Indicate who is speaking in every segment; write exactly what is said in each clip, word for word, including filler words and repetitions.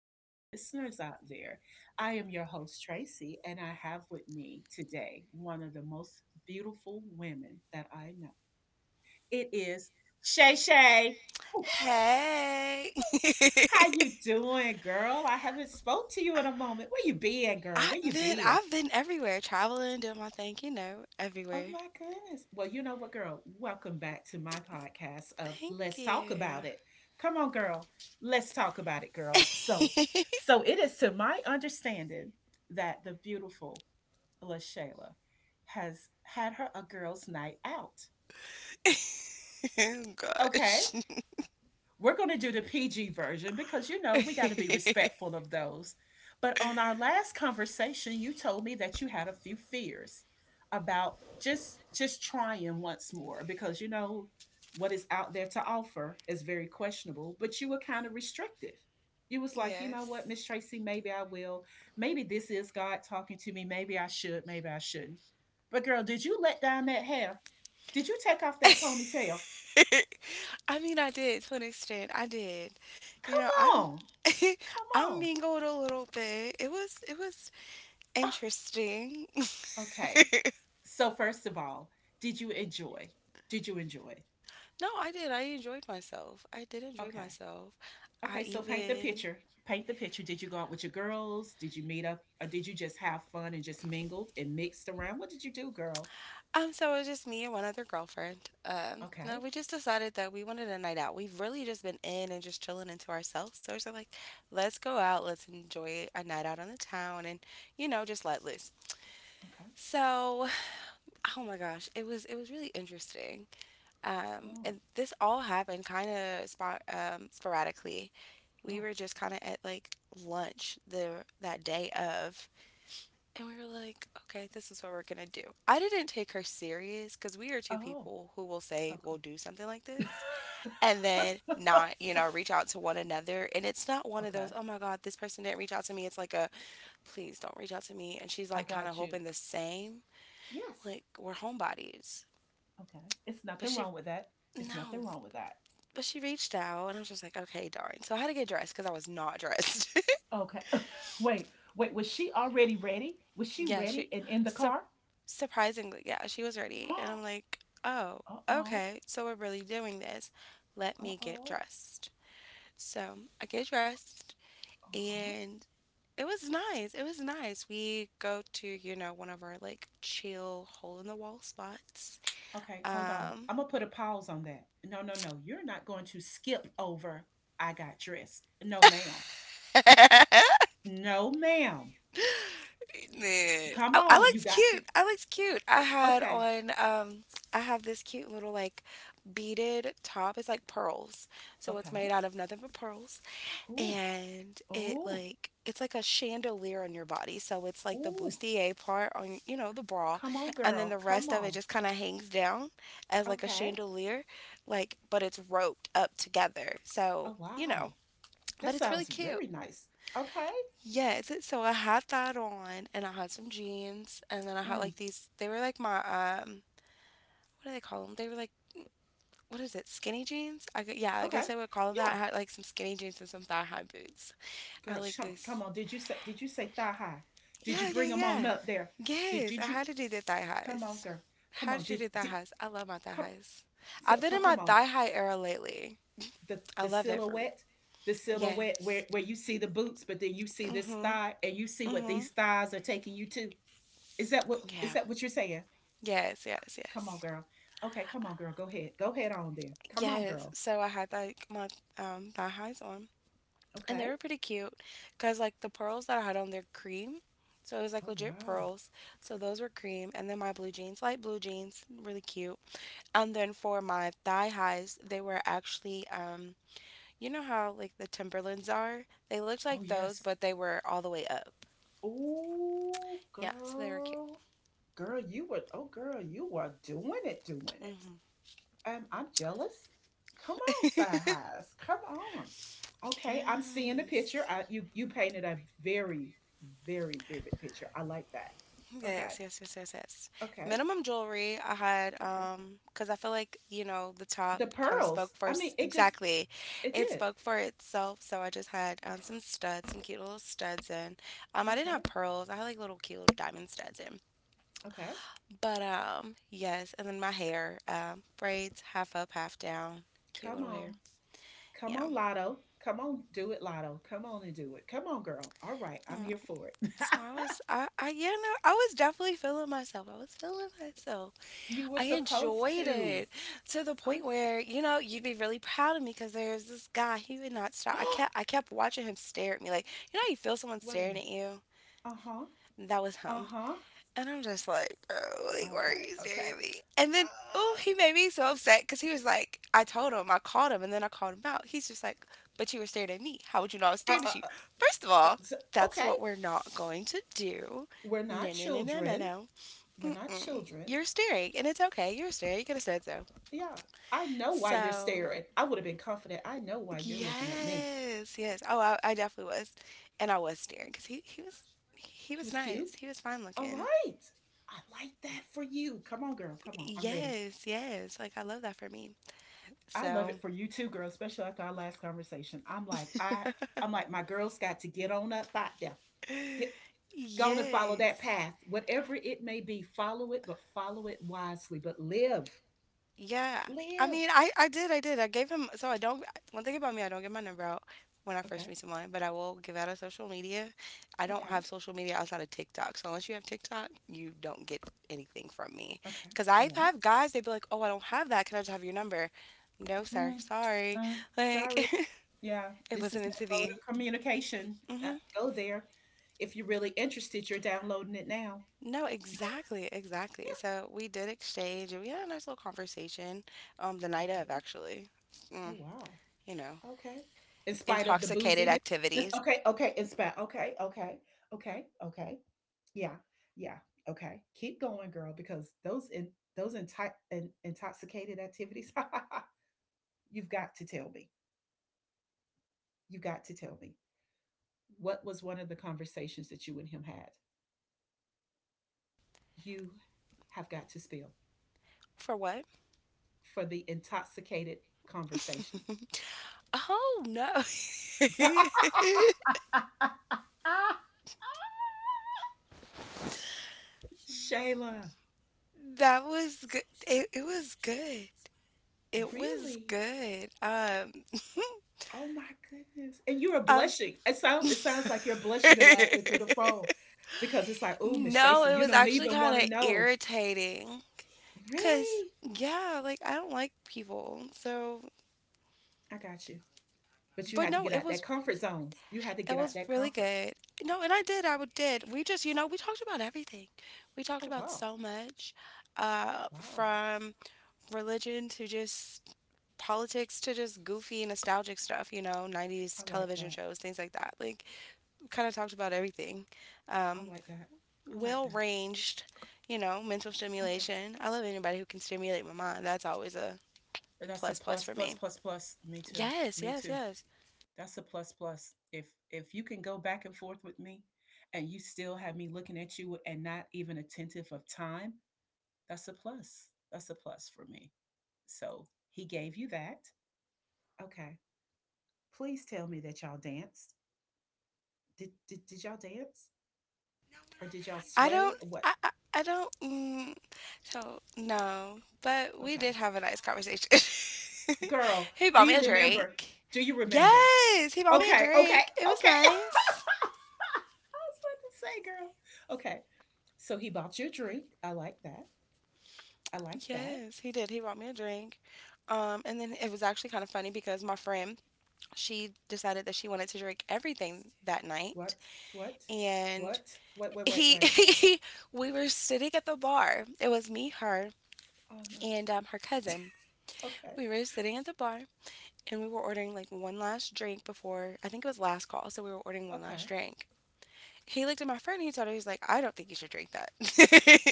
Speaker 1: lucky listeners out there. I am your host, Tracy, and I have with me today one of the most beautiful women that I know. It is Shay Shay.
Speaker 2: Hey.
Speaker 1: How you doing, girl? I haven't spoke to you in a moment. Where you been, girl?
Speaker 2: I
Speaker 1: Where you
Speaker 2: Man,
Speaker 1: been?
Speaker 2: I've been everywhere, traveling, doing my thing, you know,
Speaker 1: Oh
Speaker 2: everywhere.
Speaker 1: my goodness. Well, you know what, girl? Welcome back to my podcast of
Speaker 2: Thank
Speaker 1: Let's Talk About
Speaker 2: you.
Speaker 1: It. Come on, girl. Let's talk about it, girl. So, so it is to my understanding that the beautiful LaShayla has had her a girls' night out.
Speaker 2: Oh
Speaker 1: Okay?
Speaker 2: gosh.
Speaker 1: We're going to do the P G version because, you know, we got to be respectful of those. But on our last conversation, you told me that you had a few fears about just just trying once more because you know what is out there to offer is very questionable, but you were kind of restrictive. You was like, you know
Speaker 2: Yes.
Speaker 1: what, Miss Tracy, maybe I will. Maybe this is God talking to me. Maybe I should, maybe I shouldn't. But girl, did you let down that hair? Did you take off that ponytail?
Speaker 2: I mean, I did to an extent. I did. You
Speaker 1: Come
Speaker 2: know, I'm
Speaker 1: on, come
Speaker 2: I
Speaker 1: on.
Speaker 2: mingled a little bit. It was it was
Speaker 1: Ah,
Speaker 2: interesting.
Speaker 1: okay. So first of all, did you enjoy? Did you enjoy?
Speaker 2: No, I did. I enjoyed myself. I did enjoy
Speaker 1: Okay.
Speaker 2: myself. I
Speaker 1: Okay, so paint the
Speaker 2: even
Speaker 1: picture. Paint the picture. Did you go out with your girls? Did you meet up or did you just have fun and just mingled and mixed around? What did you do, girl?
Speaker 2: Um, so it was just me and one other girlfriend. Um, no,
Speaker 1: Okay.
Speaker 2: we just decided that we wanted a night out. We've really just been in and just chilling into ourselves. So it's like, let's go out, let's enjoy a night out on the town, and you know, just let loose.
Speaker 1: Okay.
Speaker 2: So, oh my gosh, it was it was really interesting. Um,
Speaker 1: Oh.
Speaker 2: and this all happened kind of spot um, sporadically. We
Speaker 1: Oh.
Speaker 2: were just kind of at like lunch the that day of, and we were like, okay, this is what we're going to do. I didn't take her serious because we are two
Speaker 1: Oh.
Speaker 2: people who will say we'll do something like this
Speaker 1: Okay.
Speaker 2: and then not, you know, reach out to one another. And it's not one of those,
Speaker 1: Okay.
Speaker 2: oh my God, this person didn't reach out to me. It's like a, please don't reach out to me. And she's
Speaker 1: I
Speaker 2: like kind of
Speaker 1: got you.
Speaker 2: hoping the same.
Speaker 1: Yes.
Speaker 2: Like, we're homebodies.
Speaker 1: Okay. It's
Speaker 2: But
Speaker 1: nothing
Speaker 2: she,
Speaker 1: wrong with that. It's
Speaker 2: no,
Speaker 1: nothing wrong with that.
Speaker 2: but she reached out. And I was just like, okay, darn. So I had to get dressed because I was not dressed.
Speaker 1: Okay. Wait. Wait, was she already ready? Was she
Speaker 2: Yeah, she
Speaker 1: ready and in the
Speaker 2: sup
Speaker 1: car?
Speaker 2: surprisingly, yeah, she was ready.
Speaker 1: Uh
Speaker 2: And I'm like, oh,
Speaker 1: oh.
Speaker 2: okay, so we're really doing this. Let
Speaker 1: Uh
Speaker 2: me get
Speaker 1: oh.
Speaker 2: dressed. So I get dressed
Speaker 1: Uh huh.
Speaker 2: and it was nice. It was nice. We go to, you know, one of our like chill hole in the wall spots.
Speaker 1: Okay, hold on.
Speaker 2: Um
Speaker 1: I'm gonna put a pause on that. No, no, no. You're not going to skip over. I got dressed. No, ma'am. No, ma'am.
Speaker 2: Man,
Speaker 1: Come
Speaker 2: I, I
Speaker 1: on. You
Speaker 2: looked
Speaker 1: got to.
Speaker 2: cute. I looked cute. I had
Speaker 1: Okay.
Speaker 2: on um I have this cute little like beaded top. It's like pearls. So it's made
Speaker 1: Okay.
Speaker 2: out of nothing but pearls,
Speaker 1: Ooh.
Speaker 2: and it
Speaker 1: Ooh.
Speaker 2: like it's like a chandelier on your body. So it's like the
Speaker 1: Ooh.
Speaker 2: bustier part on, you know the bra,
Speaker 1: Come on,
Speaker 2: and then
Speaker 1: girl.
Speaker 2: the
Speaker 1: Come
Speaker 2: rest of it
Speaker 1: on.
Speaker 2: just kind of hangs down as like a
Speaker 1: Okay.
Speaker 2: chandelier, like, but it's roped up together. So,
Speaker 1: Oh
Speaker 2: you
Speaker 1: wow.
Speaker 2: know,
Speaker 1: That
Speaker 2: but it's
Speaker 1: sounds
Speaker 2: really
Speaker 1: very
Speaker 2: cute.
Speaker 1: nice. Okay.
Speaker 2: Yes, it- so I had that on and I had some jeans and then I had
Speaker 1: Mm.
Speaker 2: like these, they were like my um what do they call them? They were like, what is it? Skinny jeans? I gu- yeah, I
Speaker 1: Okay.
Speaker 2: guess I would call them that.
Speaker 1: Yeah.
Speaker 2: I had like some skinny jeans and some thigh high boots. I
Speaker 1: Girl,
Speaker 2: like
Speaker 1: shum- come
Speaker 2: this.
Speaker 1: on. Did you say? Did you say thigh high? Did you
Speaker 2: Yeah, yeah,
Speaker 1: bring them
Speaker 2: yeah.
Speaker 1: on up there? Did
Speaker 2: Yes, I
Speaker 1: did you?
Speaker 2: had to do the thigh
Speaker 1: Come on,
Speaker 2: highs.
Speaker 1: girl. Come
Speaker 2: How
Speaker 1: on.
Speaker 2: did you
Speaker 1: Did,
Speaker 2: do thigh
Speaker 1: did
Speaker 2: highs? I love my thigh
Speaker 1: come,
Speaker 2: highs.
Speaker 1: so
Speaker 2: I've been
Speaker 1: so
Speaker 2: in
Speaker 1: come
Speaker 2: my
Speaker 1: on.
Speaker 2: thigh high era lately.
Speaker 1: The
Speaker 2: I
Speaker 1: the
Speaker 2: love it for me.
Speaker 1: silhouette, the silhouette where
Speaker 2: Yes.
Speaker 1: where you see the boots, but then you see this
Speaker 2: Mhm.
Speaker 1: thigh and you see what
Speaker 2: Mhm.
Speaker 1: these thighs are taking you to. Is that what
Speaker 2: Yeah.
Speaker 1: is that what you're saying?
Speaker 2: Yes, yes,
Speaker 1: Come on,
Speaker 2: yes.
Speaker 1: girl. Okay, come on, girl. Go ahead. Go ahead on then. Come on,
Speaker 2: Yes,
Speaker 1: girl.
Speaker 2: so I had like my um thigh highs on, and they
Speaker 1: Okay.
Speaker 2: were pretty cute because like the pearls that I had on, they're cream, so it was like
Speaker 1: Oh
Speaker 2: legit
Speaker 1: wow.
Speaker 2: pearls. So those were cream, and then my blue jeans, light blue jeans, really cute. And then for my thigh highs, they were actually, um, you know how like the Timberlands are? They looked
Speaker 1: Oh
Speaker 2: like those,
Speaker 1: yes.
Speaker 2: but they were all the way up.
Speaker 1: Oh
Speaker 2: Yeah, so they were cute.
Speaker 1: girl. Girl, you were, oh girl, you were doing it, doing it.
Speaker 2: Hmm.
Speaker 1: Um, I'm jealous. Come on, thigh highs. Come on. Okay, I'm seeing the picture.
Speaker 2: Yes.
Speaker 1: I, you you painted a very very vivid picture. I like that. Okay,
Speaker 2: Yes, yes, yes, yes, yes.
Speaker 1: okay,
Speaker 2: Minimum jewelry I had
Speaker 1: okay.
Speaker 2: um because I feel like, you know, the top
Speaker 1: The
Speaker 2: kind of spoke
Speaker 1: pearls.
Speaker 2: for
Speaker 1: I
Speaker 2: s-
Speaker 1: mean, it just
Speaker 2: exactly.
Speaker 1: it
Speaker 2: It
Speaker 1: did.
Speaker 2: spoke for itself, so I just had um some studs, some cute little studs in. Um I didn't
Speaker 1: Okay,
Speaker 2: have pearls. I had like little cute little diamond studs in.
Speaker 1: okay.
Speaker 2: But um yes, and then my hair, um braids half up, half down. Cute
Speaker 1: Come
Speaker 2: little hair.
Speaker 1: on, come
Speaker 2: Yeah.
Speaker 1: on, Lotto. Come on, do it, Lotto. Come on and do it. Come on, girl. All right, I'm
Speaker 2: Yeah.
Speaker 1: here for it.
Speaker 2: So I was I I yeah, no, I was definitely feeling myself. I was feeling myself.
Speaker 1: You were
Speaker 2: I
Speaker 1: supposed
Speaker 2: enjoyed
Speaker 1: to.
Speaker 2: it to the
Speaker 1: I'm.
Speaker 2: point
Speaker 1: s-
Speaker 2: where, you know, you'd be really proud of me because there's this guy, he would not stop. I kept I kept watching him stare at me like, you know how you feel someone
Speaker 1: Wait a
Speaker 2: staring
Speaker 1: minute.
Speaker 2: at you?
Speaker 1: Uh huh.
Speaker 2: That was
Speaker 1: Uh
Speaker 2: him.
Speaker 1: huh.
Speaker 2: And I'm just like, bro, like why are
Speaker 1: Okay.
Speaker 2: you staring
Speaker 1: Okay.
Speaker 2: at me? And then, oh,
Speaker 1: Uh,
Speaker 2: he made me so upset because he was like, I told him, I called him, and then I called him out. He's just like, but you were staring at me. How would you know I was
Speaker 1: Uh,
Speaker 2: staring
Speaker 1: uh,
Speaker 2: at you?
Speaker 1: uh,
Speaker 2: First of
Speaker 1: uh,
Speaker 2: all,
Speaker 1: so-
Speaker 2: that's
Speaker 1: okay,
Speaker 2: what we're not going to do.
Speaker 1: we're not
Speaker 2: No, no, no, no, no,
Speaker 1: children.
Speaker 2: no.
Speaker 1: We're not
Speaker 2: Mm-mm.
Speaker 1: children.
Speaker 2: You're staring, and it's okay. You're staring. You could have said so.
Speaker 1: Yeah, I know why you're
Speaker 2: So,
Speaker 1: staring. I would have been confident. I know why you're looking at me.
Speaker 2: yes, yes. Oh, I, I definitely was. And I was staring because he, he was he
Speaker 1: He
Speaker 2: was
Speaker 1: was
Speaker 2: nice.
Speaker 1: cute.
Speaker 2: He was fine
Speaker 1: All
Speaker 2: looking.
Speaker 1: right. I like that for you. Come on, girl. Come on. I'm ready.
Speaker 2: Yes, yes. Like I love that for me.
Speaker 1: I love
Speaker 2: So,
Speaker 1: it for you too, girl, especially after our last conversation. I'm like, I I'm like, my girl's got to get on up out there. Get go on and follow
Speaker 2: yes.
Speaker 1: that path. Whatever it may be, follow it, but follow it wisely. But live.
Speaker 2: Yeah. I mean,
Speaker 1: Live.
Speaker 2: I, I did, I did. I gave him, so I don't, one thing about me, I don't give my number out when I first
Speaker 1: Okay.
Speaker 2: meet someone, but I will give out on social media. I don't have
Speaker 1: Okay.
Speaker 2: social media outside of TikTok. So unless you have TikTok, you don't get anything from me.
Speaker 1: Okay.
Speaker 2: Because
Speaker 1: All
Speaker 2: I
Speaker 1: right.
Speaker 2: have guys, they'd be like, oh, I don't have that. Can I just have your number? No, sir.
Speaker 1: Mm,
Speaker 2: Sorry.
Speaker 1: uh,
Speaker 2: Like,
Speaker 1: Sorry. Yeah,
Speaker 2: it
Speaker 1: this is
Speaker 2: wasn't into
Speaker 1: my mode
Speaker 2: the,
Speaker 1: of communication. Uh,
Speaker 2: hmm
Speaker 1: Go there. If you're really interested, you're downloading it now.
Speaker 2: no, exactly,
Speaker 1: Yeah.
Speaker 2: exactly. So we did exchange and we had a nice little conversation, um, the night
Speaker 1: Okay.
Speaker 2: of, actually.
Speaker 1: Oh,
Speaker 2: Mm,
Speaker 1: wow.
Speaker 2: you know.
Speaker 1: Okay. In spite of the
Speaker 2: Intoxicated
Speaker 1: booziness. It's-
Speaker 2: activities.
Speaker 1: Okay. Okay. In spite. Okay. Okay. Okay. Okay. Yeah. Yeah. Okay. Keep going, girl, because those in, those inti- in, intoxicated activities, you've got to tell me. You've got to tell me. What was one of the conversations that you and him had? You have got to spill
Speaker 2: For what?
Speaker 1: for the intoxicated conversation.
Speaker 2: Oh no,
Speaker 1: Shayla,
Speaker 2: that was good. It, it was good. It was
Speaker 1: really?
Speaker 2: good. Um,
Speaker 1: Oh my goodness. And you are
Speaker 2: um.
Speaker 1: blushing. It sounds it sounds like you're blushing and laughing through the phone because it's like, oh, Miss
Speaker 2: No,
Speaker 1: Tracy,
Speaker 2: it
Speaker 1: you
Speaker 2: was
Speaker 1: don't
Speaker 2: actually
Speaker 1: even
Speaker 2: kind
Speaker 1: want to
Speaker 2: of
Speaker 1: know.
Speaker 2: irritating. Cause
Speaker 1: Really?
Speaker 2: yeah, like I don't like people. So,
Speaker 1: I got you. But you
Speaker 2: but
Speaker 1: had to
Speaker 2: no,
Speaker 1: get
Speaker 2: it
Speaker 1: out that
Speaker 2: was
Speaker 1: comfort zones. You had to
Speaker 2: it
Speaker 1: get out
Speaker 2: was
Speaker 1: that
Speaker 2: really
Speaker 1: comfort.
Speaker 2: good. No, and I did. I would did. We just you know we talked about everything. We talked
Speaker 1: Oh
Speaker 2: about
Speaker 1: wow.
Speaker 2: so much. Uh,
Speaker 1: Wow.
Speaker 2: from religion to just politics to just goofy nostalgic stuff, you know nineties
Speaker 1: I like
Speaker 2: television
Speaker 1: that.
Speaker 2: shows, things like that, like kind of talked about everything.
Speaker 1: I
Speaker 2: um,
Speaker 1: like that. I like
Speaker 2: well
Speaker 1: that.
Speaker 2: ranged. You know mental
Speaker 1: Okay.
Speaker 2: stimulation. I love anybody who can stimulate my mind. That's always a
Speaker 1: Or that's a
Speaker 2: plus plus
Speaker 1: plus
Speaker 2: for
Speaker 1: plus
Speaker 2: me.
Speaker 1: plus plus. Me too.
Speaker 2: Yes,
Speaker 1: Me
Speaker 2: yes,
Speaker 1: too.
Speaker 2: yes.
Speaker 1: That's a plus plus. If if you can go back and forth with me and you still have me looking at you and not even attentive of time, that's a plus. That's a plus for me. So he gave you that. Okay. Please tell me that y'all danced. Did did, did y'all dance? Or did y'all
Speaker 2: i
Speaker 1: sway?
Speaker 2: don't
Speaker 1: What?
Speaker 2: i i, I don't mm, so no, but we
Speaker 1: Okay.
Speaker 2: did have a nice conversation.
Speaker 1: Girl,
Speaker 2: He
Speaker 1: do
Speaker 2: bought me
Speaker 1: you
Speaker 2: a
Speaker 1: remember?
Speaker 2: drink.
Speaker 1: Do you remember?
Speaker 2: Yes, he bought me a
Speaker 1: Okay, okay,
Speaker 2: drink. It was
Speaker 1: okay. I was
Speaker 2: nice.
Speaker 1: about to say, girl. Okay. So he bought you a drink. I like that. I like that.
Speaker 2: Yes, he did. He bought me a drink. Um, and then it was actually kind of funny because my friend, she decided that she wanted to drink everything that night.
Speaker 1: What? What?
Speaker 2: And
Speaker 1: What? Wait, wait, wait,
Speaker 2: he,
Speaker 1: wait.
Speaker 2: he we were sitting at the bar. It was me, her,
Speaker 1: Oh no.
Speaker 2: and um, her cousin. We
Speaker 1: Okay.
Speaker 2: were sitting at the bar and we were ordering like one last drink before, I think it was last call. So we were ordering one last
Speaker 1: Okay.
Speaker 2: drink. He looked at my friend. He told her, he's like, I don't think you should drink that.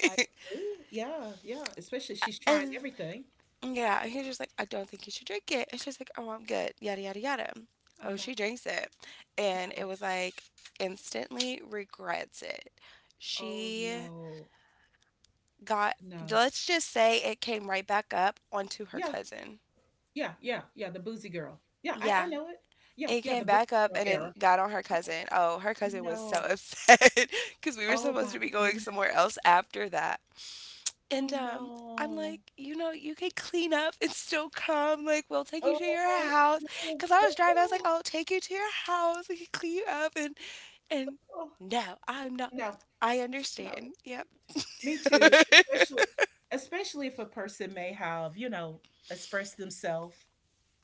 Speaker 1: I agree. Yeah, yeah. Especially she's trying
Speaker 2: and
Speaker 1: everything.
Speaker 2: Yeah, and he's just like, I don't think you should drink it. And she's like, oh, I'm good. Yada yada yada.
Speaker 1: Oh
Speaker 2: Oh,
Speaker 1: no.
Speaker 2: she drinks it, and it
Speaker 1: No.
Speaker 2: was like instantly regrets it.
Speaker 1: Oh
Speaker 2: She
Speaker 1: no.
Speaker 2: got.
Speaker 1: No.
Speaker 2: Let's just say it came right back up onto her
Speaker 1: Yeah.
Speaker 2: cousin.
Speaker 1: Yeah. Yeah. Yeah. The boozy girl. Yeah, I,
Speaker 2: Yeah,
Speaker 1: I know it. Yeah,
Speaker 2: it
Speaker 1: yeah,
Speaker 2: came
Speaker 1: the boozy
Speaker 2: back up
Speaker 1: girl
Speaker 2: and
Speaker 1: era.
Speaker 2: it got on her cousin. Oh, her cousin was so
Speaker 1: No.
Speaker 2: upset because we were
Speaker 1: Oh
Speaker 2: supposed to
Speaker 1: my
Speaker 2: be going
Speaker 1: goodness.
Speaker 2: somewhere else after that. And
Speaker 1: Oh
Speaker 2: um, I'm
Speaker 1: no.
Speaker 2: like, you know, you could clean up and still come. Like, we'll take you to your
Speaker 1: Oh
Speaker 2: house.
Speaker 1: no.
Speaker 2: Cause I
Speaker 1: But,
Speaker 2: was driving. I was
Speaker 1: oh,
Speaker 2: like, I'll take you to your house. We can clean you up. And and
Speaker 1: oh,
Speaker 2: no, I'm not.
Speaker 1: no.
Speaker 2: I
Speaker 1: No.
Speaker 2: understand. Yep.
Speaker 1: Me too, especially especially if a person may have, you know, expressed themselves,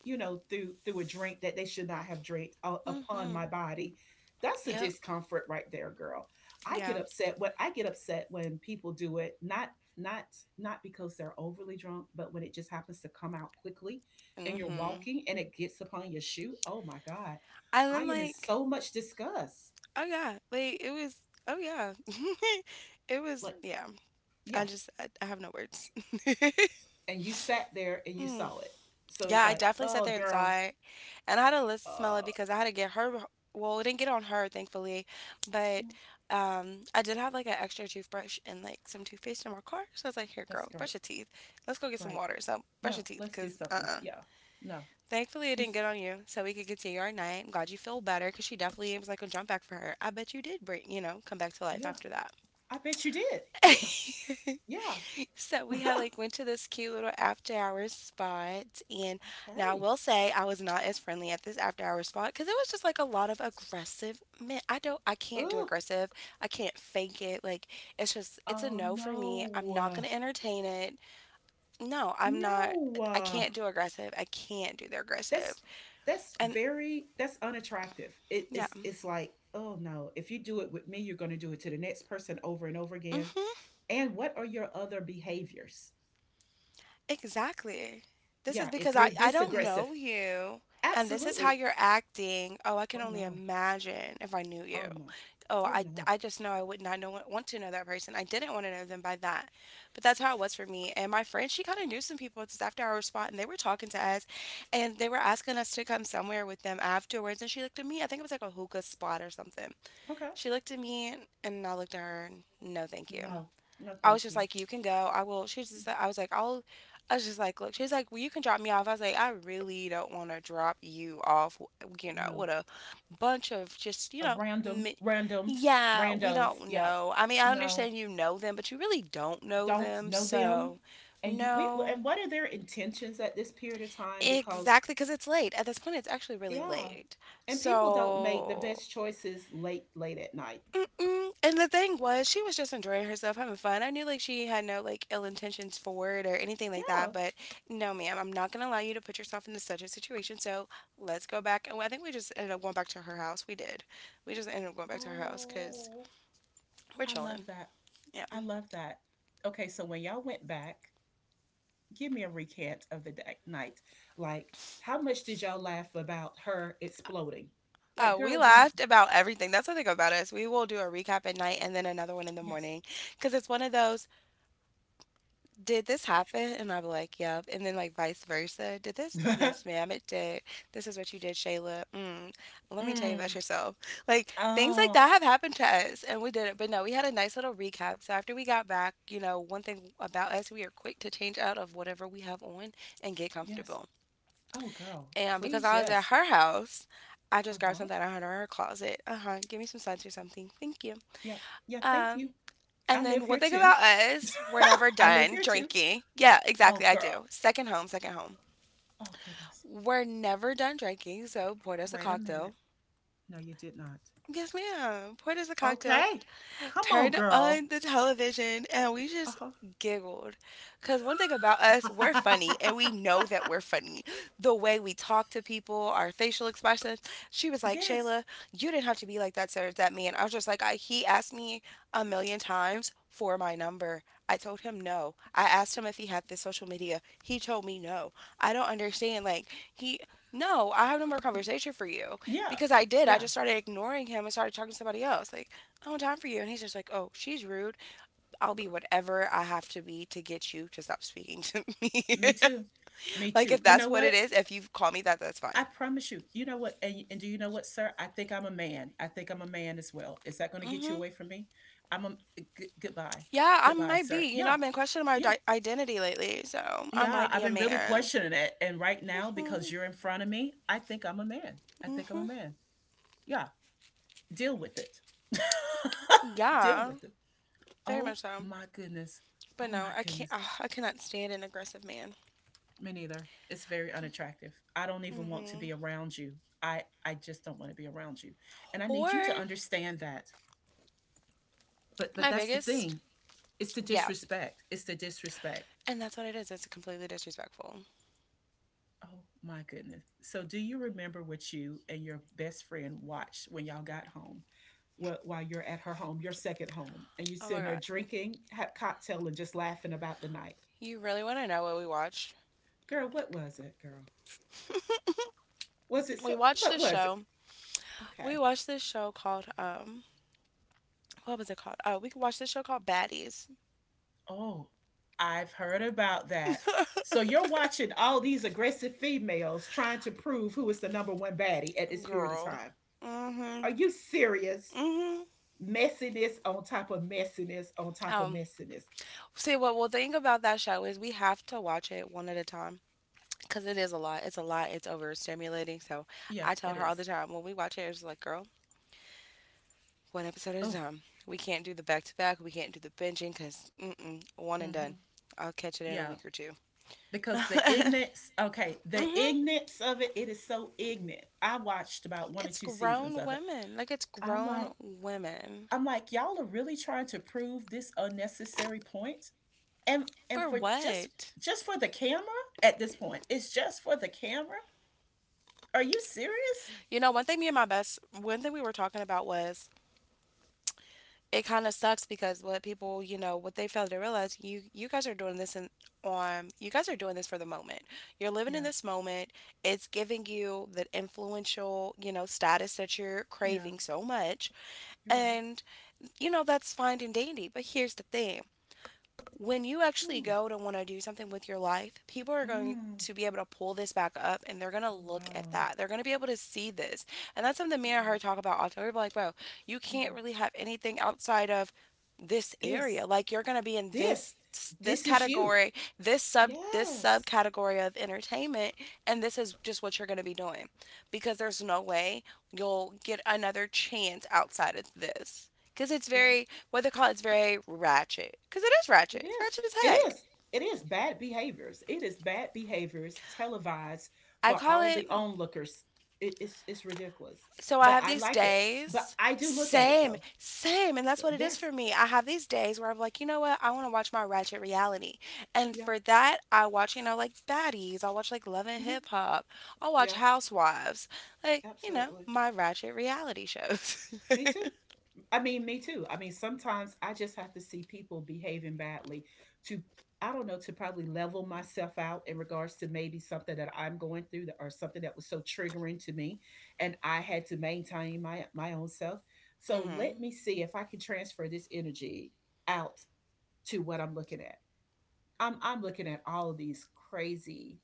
Speaker 1: you know, through through a drink that they should not have drank uh, upon
Speaker 2: Hmm.
Speaker 1: my body. That's a
Speaker 2: Yep.
Speaker 1: discomfort right there, girl. I get
Speaker 2: Yeah.
Speaker 1: upset when I get upset when people do it, not not not because they're overly drunk, but when it just happens to come out quickly and you're
Speaker 2: Hmm.
Speaker 1: walking and it gets upon your shoe. Oh my god.
Speaker 2: And
Speaker 1: I
Speaker 2: then
Speaker 1: am in
Speaker 2: like,
Speaker 1: so much disgust.
Speaker 2: oh yeah, like it was. Oh yeah. It was.
Speaker 1: Like,
Speaker 2: Yeah. I
Speaker 1: yeah,
Speaker 2: just. I, I have no words.
Speaker 1: and you sat there and you
Speaker 2: Mm.
Speaker 1: saw it. So
Speaker 2: Yeah.
Speaker 1: it's
Speaker 2: I
Speaker 1: like,
Speaker 2: definitely sat
Speaker 1: oh,
Speaker 2: there and saw
Speaker 1: girl,
Speaker 2: it. And I had to let smell it
Speaker 1: uh,
Speaker 2: because I had to get her. Well, it didn't get on her, thankfully, but
Speaker 1: no,
Speaker 2: um, I did have like an extra toothbrush and like some toothpaste in my car. So I was like, "Here,
Speaker 1: that's
Speaker 2: girl, brush
Speaker 1: great,
Speaker 2: your teeth. Let's go get some
Speaker 1: great.
Speaker 2: water. So brush
Speaker 1: Yeah,
Speaker 2: your teeth,
Speaker 1: let's do
Speaker 2: cause
Speaker 1: something.
Speaker 2: uh-uh."
Speaker 1: Yeah, no,
Speaker 2: Thankfully, it didn't
Speaker 1: this,
Speaker 2: get on you, so we could continue our night. I'm glad you feel better, cause she definitely was like a jump back for her. I bet you did, bring, you know, come back to life
Speaker 1: yeah,
Speaker 2: after that.
Speaker 1: I bet you did. Yeah, yeah,
Speaker 2: So we had like went to this cute little after hours spot, and now I
Speaker 1: okay.
Speaker 2: will say I was not as friendly at this after hours spot because it was just like a lot of aggressive men. I don't, I can't do
Speaker 1: Oh,
Speaker 2: aggressive. I can't fake it. Like it's just, it's a
Speaker 1: oh
Speaker 2: no for me. I'm
Speaker 1: no,
Speaker 2: not
Speaker 1: uh,
Speaker 2: gonna entertain it. No, I'm not.
Speaker 1: no,
Speaker 2: I
Speaker 1: uh,
Speaker 2: can't do aggressive. I can't do the aggressive.
Speaker 1: that's that's
Speaker 2: And
Speaker 1: very that's unattractive. It,
Speaker 2: yeah,
Speaker 1: it's it's like, oh no, if you do it with me, you're going to do it to the next person over and over again.
Speaker 2: hmm
Speaker 1: And what are your other behaviors?
Speaker 2: exactly. This is
Speaker 1: Yeah, if
Speaker 2: because
Speaker 1: you're
Speaker 2: I I
Speaker 1: this
Speaker 2: don't know
Speaker 1: aggressive,
Speaker 2: you. And this is how
Speaker 1: absolutely.
Speaker 2: you're acting. Oh, I can
Speaker 1: Oh,
Speaker 2: only
Speaker 1: no.
Speaker 2: imagine if I knew you.
Speaker 1: Oh, no.
Speaker 2: oh,
Speaker 1: Oh,
Speaker 2: I,
Speaker 1: no.
Speaker 2: I just know I would not know, want to know that person. I didn't want to know them by that. But that's how it was for me. And my friend, she kind of knew some people at this after hour spot, and they were talking to us, and they were asking us to come somewhere with them afterwards. And she looked at me, I think it was like a hookah spot or something.
Speaker 1: Okay.
Speaker 2: She looked at me, and I looked at her, and no, thank you.
Speaker 1: No. No,
Speaker 2: I was
Speaker 1: thank
Speaker 2: just
Speaker 1: you.
Speaker 2: like, you can go. I will. She's
Speaker 1: Yeah.
Speaker 2: just. I was like, I'll. I was just like, look. She's like, well, you can drop me off. I was like, I really don't want to drop you off. You know,
Speaker 1: No.
Speaker 2: with a bunch of just you
Speaker 1: A
Speaker 2: know,
Speaker 1: random
Speaker 2: mi-
Speaker 1: randoms,
Speaker 2: yeah, we
Speaker 1: randos.
Speaker 2: don't
Speaker 1: Yeah.
Speaker 2: know. I mean, I
Speaker 1: No.
Speaker 2: understand you know them, but you really don't know
Speaker 1: Don't
Speaker 2: them.
Speaker 1: know them.
Speaker 2: So,
Speaker 1: And you we,
Speaker 2: no,
Speaker 1: and what are their intentions at this period of time because
Speaker 2: exactly, because it's late. At this point, it's actually really
Speaker 1: yeah,
Speaker 2: late.
Speaker 1: and people don't make the
Speaker 2: So
Speaker 1: best choices late late at night.
Speaker 2: mm-mm. And the thing was, she was just enjoying herself, having fun. I knew like she had no like ill intentions for it or anything like
Speaker 1: Yeah.
Speaker 2: that. But no, ma'am, I'm not gonna allow you to put yourself into such a situation. So let's go back. And I think we just ended up going back to her house. We did. We just ended up going back to her house because
Speaker 1: Oh,
Speaker 2: we're
Speaker 1: I love
Speaker 2: chilling.
Speaker 1: that.
Speaker 2: Yeah.
Speaker 1: I love that. Okay, so when y'all went back, give me a recant of the day, night. Like, how much did y'all laugh about her exploding? Like,
Speaker 2: Oh, we
Speaker 1: girl, did
Speaker 2: laughed about everything. That's the thing about us. We will do a recap at night and then another one in the
Speaker 1: yes.
Speaker 2: morning because it's one of those. Did this happen? And I'll be like, yep. And then like vice versa. Did this? Yes, ma'am, it did. This is what you did, Shayla. Mm. Let me tell you about
Speaker 1: mm,
Speaker 2: yourself. Like things like that
Speaker 1: oh,
Speaker 2: have happened to us and we did it. But no, we had a nice little recap. So after we got back, you know, one thing about us, we are quick to change out of whatever we have on and get
Speaker 1: yes.
Speaker 2: comfortable.
Speaker 1: Oh, girl,
Speaker 2: And because
Speaker 1: please,
Speaker 2: I was at
Speaker 1: yes.
Speaker 2: her house, I
Speaker 1: Uh
Speaker 2: just grabbed
Speaker 1: huh.
Speaker 2: something I had in her closet. Uh huh. Give me some suds or something. Thank you.
Speaker 1: Yeah. Yeah. Thank you.
Speaker 2: Um,
Speaker 1: I
Speaker 2: and
Speaker 1: live
Speaker 2: then
Speaker 1: here
Speaker 2: one thing
Speaker 1: too.
Speaker 2: about us, we're never
Speaker 1: I live
Speaker 2: done
Speaker 1: here too.
Speaker 2: drinking. Yeah,
Speaker 1: Oh,
Speaker 2: exactly. I
Speaker 1: girl.
Speaker 2: do. Second home, second home.
Speaker 1: Oh, goodness.
Speaker 2: We're never done drinking, so pour us a
Speaker 1: Wait a minute.
Speaker 2: cocktail.
Speaker 1: No, you did not.
Speaker 2: Yes, ma'am. Pour us a cocktail.
Speaker 1: Okay. Come on,
Speaker 2: Turned
Speaker 1: girl.
Speaker 2: on the television and we just
Speaker 1: Uh
Speaker 2: giggled. Because one thing about us, we're funny
Speaker 1: huh.
Speaker 2: and we know that we're funny. The way we talk to people, our facial expressions. She was like,
Speaker 1: Yes.
Speaker 2: Shayla, you didn't have to be like that to that man. I was just like, I, he asked me a million times for my number. I told him no. I asked him if he had this social media. He told me no. I don't understand. Like, he, no, I have no more conversation for you
Speaker 1: Yeah.
Speaker 2: because I did. I
Speaker 1: Yeah.
Speaker 2: just started ignoring him and started talking to somebody else. Like, oh, time for you. And he's just like, oh, she's rude. I'll be whatever I have to be to get you to stop speaking to me.
Speaker 1: Me too. Me
Speaker 2: Like,
Speaker 1: too.
Speaker 2: if
Speaker 1: You
Speaker 2: that's
Speaker 1: know
Speaker 2: what it
Speaker 1: what?
Speaker 2: is, if you call me that, that's fine.
Speaker 1: I promise you. You know what? And, and do you know what, sir? I think I'm a man. I think I'm a man as well. Is that going to get you
Speaker 2: Hmm.
Speaker 1: away from me? I'm a eh, g- goodbye,
Speaker 2: Yeah, I
Speaker 1: goodbye,
Speaker 2: might
Speaker 1: sir.
Speaker 2: be. You know, I've
Speaker 1: Yeah,
Speaker 2: been questioning my
Speaker 1: yeah,
Speaker 2: di- identity lately, so I might
Speaker 1: yeah.
Speaker 2: be
Speaker 1: I've
Speaker 2: a
Speaker 1: been really
Speaker 2: man.
Speaker 1: questioning it, and right now because
Speaker 2: Mm-hmm.
Speaker 1: you're in front of me, I think I'm a man. I think I'm a
Speaker 2: Mm-hmm.
Speaker 1: man. Yeah, deal with it. Deal
Speaker 2: Yeah,
Speaker 1: with it.
Speaker 2: very
Speaker 1: Oh
Speaker 2: much so.
Speaker 1: my goodness.
Speaker 2: But
Speaker 1: Oh
Speaker 2: no,
Speaker 1: my
Speaker 2: I can't.
Speaker 1: goodness.
Speaker 2: Ah, I cannot stand an aggressive man.
Speaker 1: Me neither. It's very unattractive. I don't even want to
Speaker 2: Hmm.
Speaker 1: be around you. I I just don't want to be around you. And I need
Speaker 2: Or
Speaker 1: you to understand that. but but
Speaker 2: my
Speaker 1: that's the
Speaker 2: biggest,
Speaker 1: thing. It's the
Speaker 2: yeah.
Speaker 1: disrespect. It's the disrespect.
Speaker 2: And that's what it is. It's completely disrespectful.
Speaker 1: Oh my goodness. So do you remember what you and your best friend watched when y'all got home? While, while you're at her home, your second home, and you're
Speaker 2: Oh my
Speaker 1: sitting there
Speaker 2: god.
Speaker 1: drinking, have cocktail, and just laughing about the night.
Speaker 2: You really want to know what we watched?
Speaker 1: Girl, what was it, girl? Was it so,
Speaker 2: We watched
Speaker 1: what
Speaker 2: this
Speaker 1: was it?
Speaker 2: show. We
Speaker 1: Okay.
Speaker 2: watched this show called um what was it called? Oh, we watched this show called Baddies.
Speaker 1: Oh, I've heard about that. So you're watching all these aggressive females trying to prove who is the number one baddie at this period of
Speaker 2: Girl.
Speaker 1: time.
Speaker 2: Mm. Mhm.
Speaker 1: Are you serious?
Speaker 2: Mm. Mhm.
Speaker 1: Messiness on top of messiness on top of
Speaker 2: Um
Speaker 1: messiness.
Speaker 2: See what we'll think about that show is we have to watch it one at a time cuz it is a lot. It's a lot. It's overstimulating. So,
Speaker 1: Yeah,
Speaker 2: I tell
Speaker 1: it
Speaker 2: her all the
Speaker 1: is.
Speaker 2: time when we watch it it's like, "Girl, one episode at a
Speaker 1: Oh,
Speaker 2: time. We can't do the back to back. We can't do the binging cuz mm-mm, one and done.
Speaker 1: mm-hmm.
Speaker 2: I'll catch it in a
Speaker 1: Yeah.
Speaker 2: week or two."
Speaker 1: Because the
Speaker 2: Mhm.
Speaker 1: ignorance, okay, the ignorance of it, it is so ignorant. I watched about one or
Speaker 2: It's
Speaker 1: two seasons
Speaker 2: grown
Speaker 1: of it.
Speaker 2: women. Like it's
Speaker 1: I'm like,
Speaker 2: grown women.
Speaker 1: I'm like, y'all are really trying to prove this unnecessary point, and and
Speaker 2: For
Speaker 1: for just
Speaker 2: what?
Speaker 1: just for the camera at this point, it's just for the camera. Are you serious?
Speaker 2: You know, one thing me and my best one thing we were talking about was it kind of sucks because what people, you know, what they fail to realize, you you guys are doing this in on you guys are doing this for the moment. You're living in
Speaker 1: Yeah,
Speaker 2: this moment. It's giving you that influential, you know, status that you're
Speaker 1: yeah,
Speaker 2: craving so much.
Speaker 1: you're right.
Speaker 2: And you know, that's fine and dandy, but here's the thing. When you actually
Speaker 1: Mm,
Speaker 2: go to want to do something with your life, people are going
Speaker 1: mm.
Speaker 2: to be able to pull this back up and they're going to
Speaker 1: Oh,
Speaker 2: look at
Speaker 1: wow.
Speaker 2: that. They're going to be able to see this. And that's something me and
Speaker 1: Yeah,
Speaker 2: her talk about all the time. We're like, bro, you
Speaker 1: yeah.
Speaker 2: can't really have anything outside of this area.
Speaker 1: This
Speaker 2: Like you're going to be in this
Speaker 1: This
Speaker 2: this
Speaker 1: this is you.
Speaker 2: category, this sub this
Speaker 1: Yes.
Speaker 2: subcategory of entertainment and this is just what you're going to be doing because there's no way you'll get another chance outside of this because it's
Speaker 1: Yeah.
Speaker 2: very what they call it is very ratchet because it is ratchet.
Speaker 1: It
Speaker 2: It's
Speaker 1: is.
Speaker 2: ratchet as
Speaker 1: It
Speaker 2: heck.
Speaker 1: is. It is bad behaviors. It is bad behaviors televised
Speaker 2: I
Speaker 1: for
Speaker 2: call
Speaker 1: all the
Speaker 2: it.
Speaker 1: onlookers. It, it's it's ridiculous,
Speaker 2: So I
Speaker 1: but
Speaker 2: have
Speaker 1: I
Speaker 2: these
Speaker 1: like it. But
Speaker 2: days.
Speaker 1: I do look at it
Speaker 2: Same,
Speaker 1: though.
Speaker 2: same, and that's what it is
Speaker 1: Yes.
Speaker 2: for me. I have these days where I'm like, you know what? I want to watch my ratchet reality, and
Speaker 1: Yeah.
Speaker 2: for that, I watch, you know, like Baddies. I'll watch like Love and
Speaker 1: Hmm.
Speaker 2: Hip Hop. I'll watch
Speaker 1: Yeah.
Speaker 2: Housewives, like you know,
Speaker 1: Absolutely.
Speaker 2: my ratchet reality shows.
Speaker 1: Me too. I mean, me too. I mean, sometimes I just have to see people behaving badly to, I don't know, to probably level myself out in regards to maybe something that I'm going through that, or something that was so triggering to me, and I had to maintain my my own self. So let
Speaker 2: Hmm.
Speaker 1: me see if I can transfer this energy out to what I'm looking at. I'm I'm looking at all of these crazy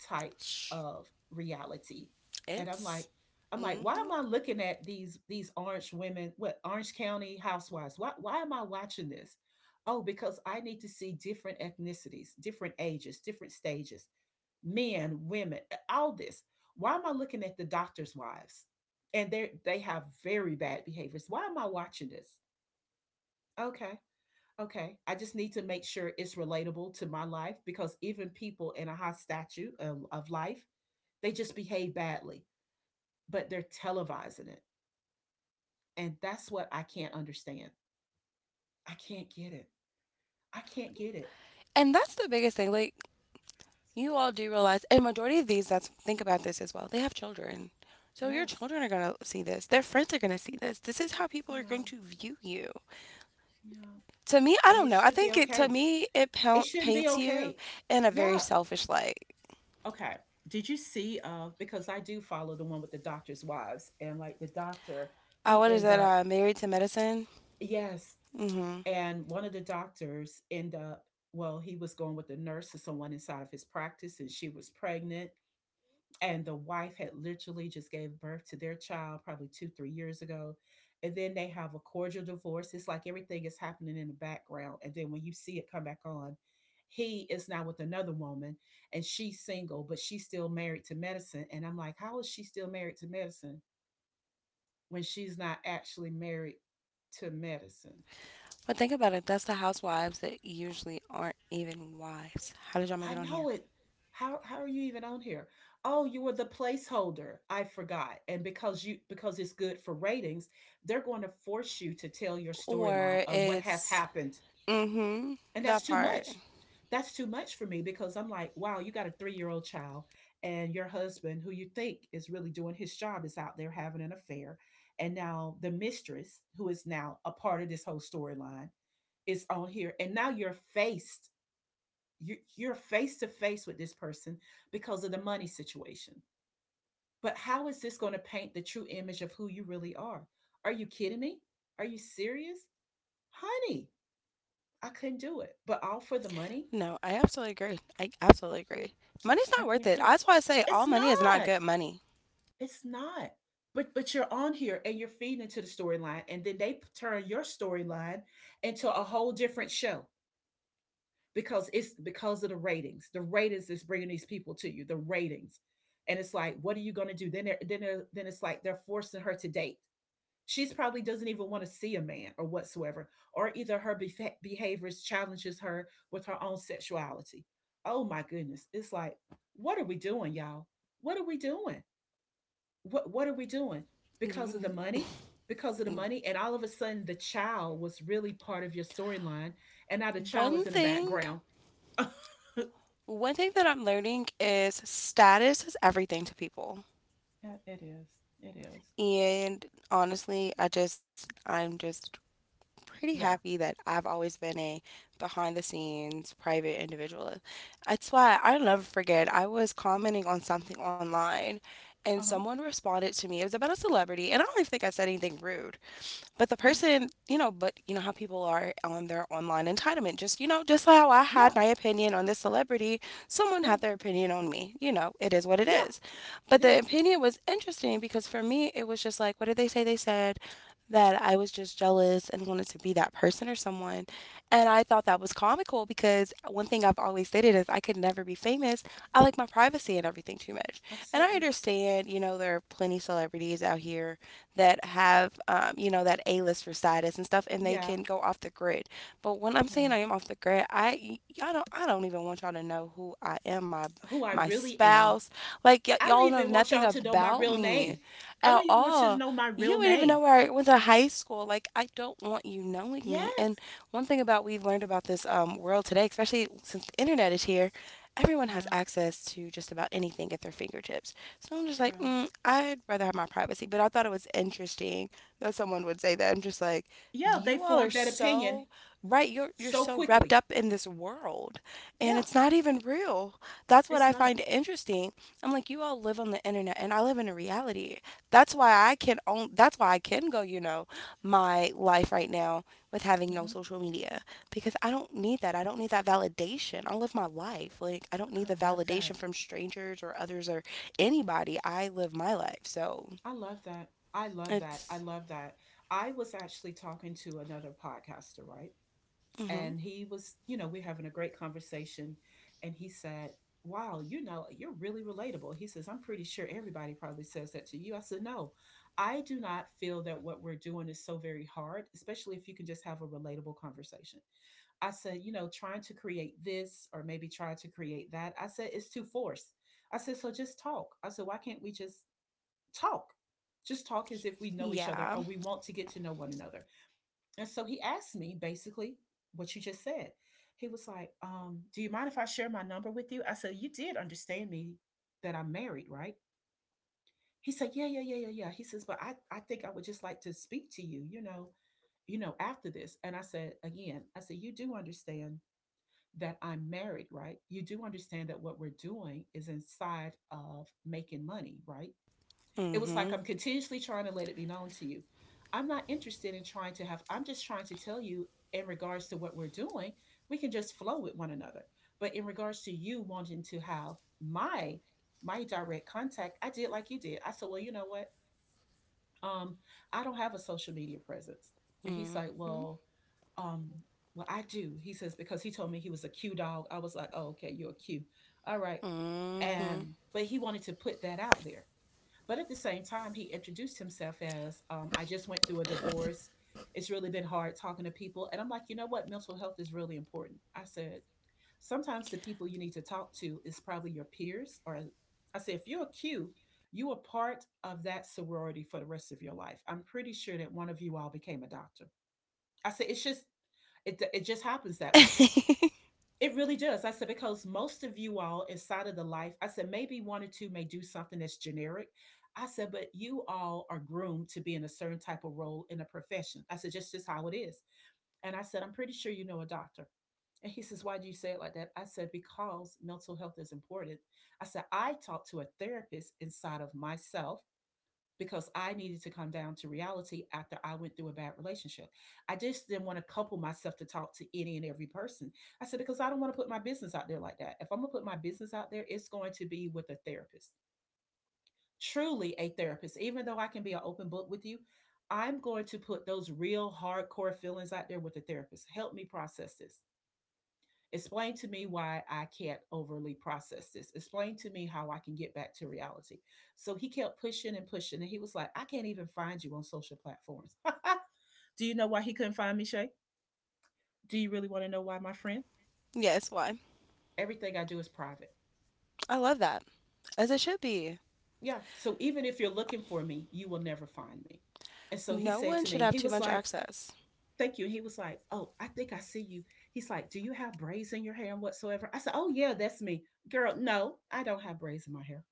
Speaker 1: types of reality. And I'm like,
Speaker 2: It's.
Speaker 1: I'm
Speaker 2: Hmm.
Speaker 1: like, why am I looking at these these orange women, what, Orange County Housewives? Why why am I watching this? Oh, because I need to see different ethnicities, different ages, different stages, men, women, all this. Why am I looking at the doctor's wives? And they they have very bad behaviors. Why am I watching this? Okay. Okay. I just need to make sure it's relatable to my life, because even people in a high statue of, of life, they just behave badly, but they're televising it. And that's what I can't understand. I can't get it. I can't get it.
Speaker 2: And that's the biggest thing. Like, you all do realize, and majority of these, that's think about this as well. They have children, so your
Speaker 1: Yes.
Speaker 2: children are gonna see this. Their friends are gonna see this. This is how people are going
Speaker 1: Yeah.
Speaker 2: to view you.
Speaker 1: Yeah.
Speaker 2: To me, I
Speaker 1: And
Speaker 2: don't
Speaker 1: it
Speaker 2: know. I
Speaker 1: should be
Speaker 2: think it to
Speaker 1: okay.
Speaker 2: me it
Speaker 1: It
Speaker 2: pa-
Speaker 1: shouldn't be
Speaker 2: paints you
Speaker 1: okay.
Speaker 2: in a very
Speaker 1: Yeah.
Speaker 2: selfish light.
Speaker 1: Okay. Did you see, uh because I do follow the one with the doctor's wives, and like the doctor,
Speaker 2: Uh,
Speaker 1: he
Speaker 2: what is
Speaker 1: end
Speaker 2: that?
Speaker 1: up,
Speaker 2: Uh, married to Medicine.
Speaker 1: yes.
Speaker 2: Mm-hmm.
Speaker 1: And one of the doctors end up, well, he was going with a nurse or someone inside of his practice, and she was pregnant, and the wife had literally just gave birth to their child probably two, three years ago. And then they have a cordial divorce. It's like everything is happening in the background, and then when you see it come back on, he is now with another woman, and she's single, but she's still married to Medicine. And I'm like, how is she still married to Medicine when she's not actually married to Medicine?
Speaker 2: But think about it. That's the housewives that usually aren't even wives. How did y'all make
Speaker 1: I
Speaker 2: it on
Speaker 1: know
Speaker 2: here?
Speaker 1: it. How how are you even on here? Oh, you were the placeholder. I forgot. And because you because it's good for ratings, they're going to force you to tell your storyline
Speaker 2: Or
Speaker 1: of what has
Speaker 2: it's
Speaker 1: happened.
Speaker 2: mm-hmm
Speaker 1: And that's
Speaker 2: that
Speaker 1: too
Speaker 2: part.
Speaker 1: much. That's too much for me, because I'm like, wow, you got a three-year-old-year-old child and your husband who you think is really doing his job is out there having an affair. And now the mistress, who is now a part of this whole storyline, is on here, and now you're faced you, are face to face with this person because of the money situation. But how is this going to paint the true image of who you really are? Are you kidding me? Are you serious? Honey, I couldn't do it. But all for the money,
Speaker 2: No, I absolutely agree. I absolutely agree. Money's
Speaker 1: I
Speaker 2: not worth
Speaker 1: can't
Speaker 2: it.
Speaker 1: do it.
Speaker 2: That's why I say
Speaker 1: It's
Speaker 2: all money is not
Speaker 1: not.
Speaker 2: good money.
Speaker 1: It's not. But but you're on here and you're feeding into the storyline, and then they turn your storyline into a whole different show. Because it's because of the ratings. The ratings is bringing these people to you. The ratings, and it's like, what are you going to do? Then, then, then it's like they're forcing her to date. She's probably doesn't even want to see a man or whatsoever, or either her befa- behaviors challenges her with her own sexuality. Oh my goodness, it's like, what are we doing, y'all? What are we doing? What What are we doing? Because of the
Speaker 2: D-
Speaker 1: money, because of the money, and all of a sudden the child was really part of your storyline, and now the child
Speaker 2: One
Speaker 1: is in the
Speaker 2: thing,
Speaker 1: background.
Speaker 2: one thing that I'm learning is status is everything to people.
Speaker 1: Yeah, it is, it is.
Speaker 2: And honestly, I just, I'm just pretty
Speaker 1: Yeah.
Speaker 2: happy that I've always been a behind the scenes private individual. That's why I'll never forget. I was commenting on something online and
Speaker 1: Uh-huh.
Speaker 2: someone responded to me. It was about a celebrity, and I don't even think I said anything rude. But the
Speaker 1: Mhm.
Speaker 2: person, you know, but you know how people are on their online entitlement. Just, you know, just how I had
Speaker 1: Yeah,
Speaker 2: my opinion on this celebrity, someone
Speaker 1: yeah,
Speaker 2: had their opinion on me. You know, it is what it
Speaker 1: yeah,
Speaker 2: is. But
Speaker 1: it
Speaker 2: the
Speaker 1: is.
Speaker 2: opinion was interesting because for me, it was just like, what did they say? They said that I was just jealous and wanted to be that person or someone. And I thought that was comical because one thing I've always stated is I could never be famous. I like my privacy and everything too much. And I
Speaker 1: Absolutely.
Speaker 2: understand, you know, there are plenty celebrities out here that have, um, you know, that A-lister status and stuff, and they
Speaker 1: Yeah,
Speaker 2: can go off the grid. But when I'm
Speaker 1: yeah.
Speaker 2: saying I am off the grid, I y'all don't I don't even want y'all to know who I am, my
Speaker 1: Who I
Speaker 2: my
Speaker 1: really am.
Speaker 2: spouse, like y-
Speaker 1: I don't
Speaker 2: y'all know
Speaker 1: even want
Speaker 2: nothing
Speaker 1: y'all to know my
Speaker 2: about
Speaker 1: real
Speaker 2: me
Speaker 1: name. I
Speaker 2: at
Speaker 1: don't even want you to
Speaker 2: all.
Speaker 1: know my
Speaker 2: You
Speaker 1: real
Speaker 2: would even know
Speaker 1: name.
Speaker 2: where I went to high school. Like I don't want you knowing me. And
Speaker 1: Yes.
Speaker 2: one thing about we've learned about this um, world today, especially since the internet is here, everyone has
Speaker 1: Yeah,
Speaker 2: access to just about anything at their fingertips. So I'm just like,
Speaker 1: girl.
Speaker 2: mm, I'd rather have my privacy. But I thought it was interesting that someone would say that. I'm just like,
Speaker 1: Yeah, they
Speaker 2: you all are
Speaker 1: formed that opinion
Speaker 2: so right. You're you're
Speaker 1: so
Speaker 2: so wrapped
Speaker 1: quickly.
Speaker 2: up in this world, and
Speaker 1: Yeah,
Speaker 2: it's not even real. That's what
Speaker 1: it's
Speaker 2: I
Speaker 1: not.
Speaker 2: find interesting. I'm like, you all live on the internet and I live in a reality. That's why I can own that's why I can go, you know, my life right now with having no
Speaker 1: Mhm.
Speaker 2: social media because I don't need that. I don't need that validation. I live my life. Like I don't need
Speaker 1: I
Speaker 2: the
Speaker 1: love that.
Speaker 2: validation from strangers or others or anybody. I live my life. So,
Speaker 1: I love that. I love that. I
Speaker 2: it's
Speaker 1: love that. I was actually talking to another podcaster, right?
Speaker 2: mhm.
Speaker 1: And he was, you know, we're having a great conversation, and he said, wow, you know, you're really relatable. He says, I'm pretty sure everybody probably says that to you. I said, no, I do not feel that what we're doing is so very hard, especially if you can just have a relatable conversation. I said, you know, trying to create this or maybe try to create that, I said it's too forced. I said, so just talk. I said, why can't we just talk, just talk, as if we know each other
Speaker 2: Yeah.
Speaker 1: or we want to get to know one another? And so he asked me basically what you just said. He was like, um, do you mind if I share my number with you? I said, you did understand me that I'm married, right? He said, yeah, yeah, yeah, yeah, yeah. He says, but I, I think I would just like to speak to you, you know, you know, after this. And I said, again, I said, you do understand that I'm married, right? You do understand that what we're doing is inside of making money, right? It was like,
Speaker 2: Mhm.
Speaker 1: I'm continuously trying to let it be known to you. I'm not interested in trying to have, I'm just trying to tell you, in regards to what we're doing, we can just flow with one another. But in regards to you wanting to have my my direct contact, I did like you did. I said, well, you know what? Um, I don't have a social media presence. And he's like,
Speaker 2: Mhm.
Speaker 1: well, um, well, I do. He says, because he told me he was a Q dog. I was like, oh, okay, you're a Q. All right.
Speaker 2: Mhm.
Speaker 1: And but he wanted to put that out there. But at the same time, he introduced himself as, um, I just went through a divorce. It's really been hard talking to people. And I'm like, you know what? Mental health is really important. I said, sometimes the people you need to talk to is probably your peers. Or I said, if you're a Q, you are part of that sorority for the rest of your life. I'm pretty sure that one of you all became a doctor. I said, it's just, it, it just happens that way. It really does. I said, because most of you all inside of the life, I said, maybe one or two may do something that's generic. I said, but you all are groomed to be in a certain type of role in a profession. I said, just just how it is. And I said, I'm pretty sure you know a doctor. And he says, why do you say it like that? I said, because mental health is important. I said, I talk to a therapist inside of myself because I needed to come down to reality after I went through a bad relationship. I just didn't want to couple myself to talk to any and every person. I said, because I don't want to put my business out there like that. If I'm going to put my business out there, it's going to be with a therapist, truly a therapist. Even though I can be an open book with you, I'm going to put those real hardcore feelings out there with the therapist. Help me process this. Explain to me why I can't overly process this. Explain to me how I can get back to reality. So he kept pushing and pushing. And he was like, I can't even find you on social platforms. Do you know why he couldn't find me, Shay? Do you really want to know why, my friend?
Speaker 2: Yes, why?
Speaker 1: Everything I do is private.
Speaker 2: I love that. As it should be.
Speaker 1: Yeah. So even if you're looking for me, you will never find me. And so he
Speaker 2: No
Speaker 1: said
Speaker 2: one
Speaker 1: to
Speaker 2: should
Speaker 1: me,
Speaker 2: have
Speaker 1: he
Speaker 2: too
Speaker 1: was
Speaker 2: much
Speaker 1: like,
Speaker 2: access.
Speaker 1: thank you. And he was like, oh, I think I see you. He's like, do you have braids in your hair and whatsoever? I said, oh, yeah, that's me. Girl, no, I don't have braids in my hair.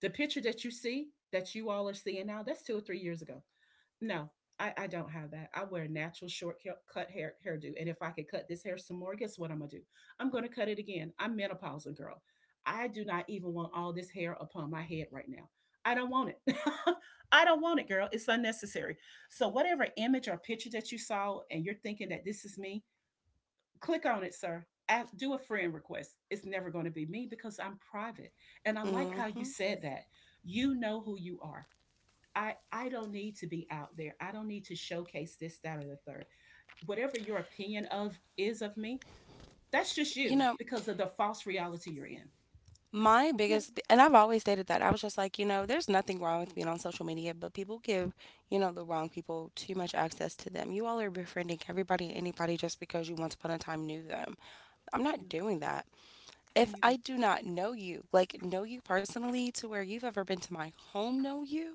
Speaker 1: The picture that you see, that you all are seeing now, that's two or three years ago. No, I, I don't have that. I wear a natural short cut hair hairdo. And if I could cut this hair some more, guess what I'm gonna do? I'm gonna cut it again. I'm menopausal, girl. I do not even want all this hair upon my head right now. I don't want it. I don't want it, girl. It's unnecessary. So whatever image or picture that you saw and you're thinking that this is me, click on it, sir. Ask, do a friend request. It's never going to be me because I'm private. And I like how you
Speaker 2: Mhm.
Speaker 1: said that. You know who you are. I, I don't need to be out there. I don't need to showcase this, that, or the third. Whatever your opinion of is of me, that's just
Speaker 2: You
Speaker 1: you
Speaker 2: know,
Speaker 1: because of the false reality you're in.
Speaker 2: my
Speaker 1: Yes,
Speaker 2: biggest, b- and I've always stated that I was just like, you know, there's nothing wrong with being on social media, but people give, you know, the wrong people too much access to them. You all are befriending everybody and anybody just because you once upon a time knew them. I'm
Speaker 1: yeah,
Speaker 2: not doing that.
Speaker 1: me
Speaker 2: If I
Speaker 1: neither.
Speaker 2: do not know you, like know you personally to where you've ever been to my home, know you,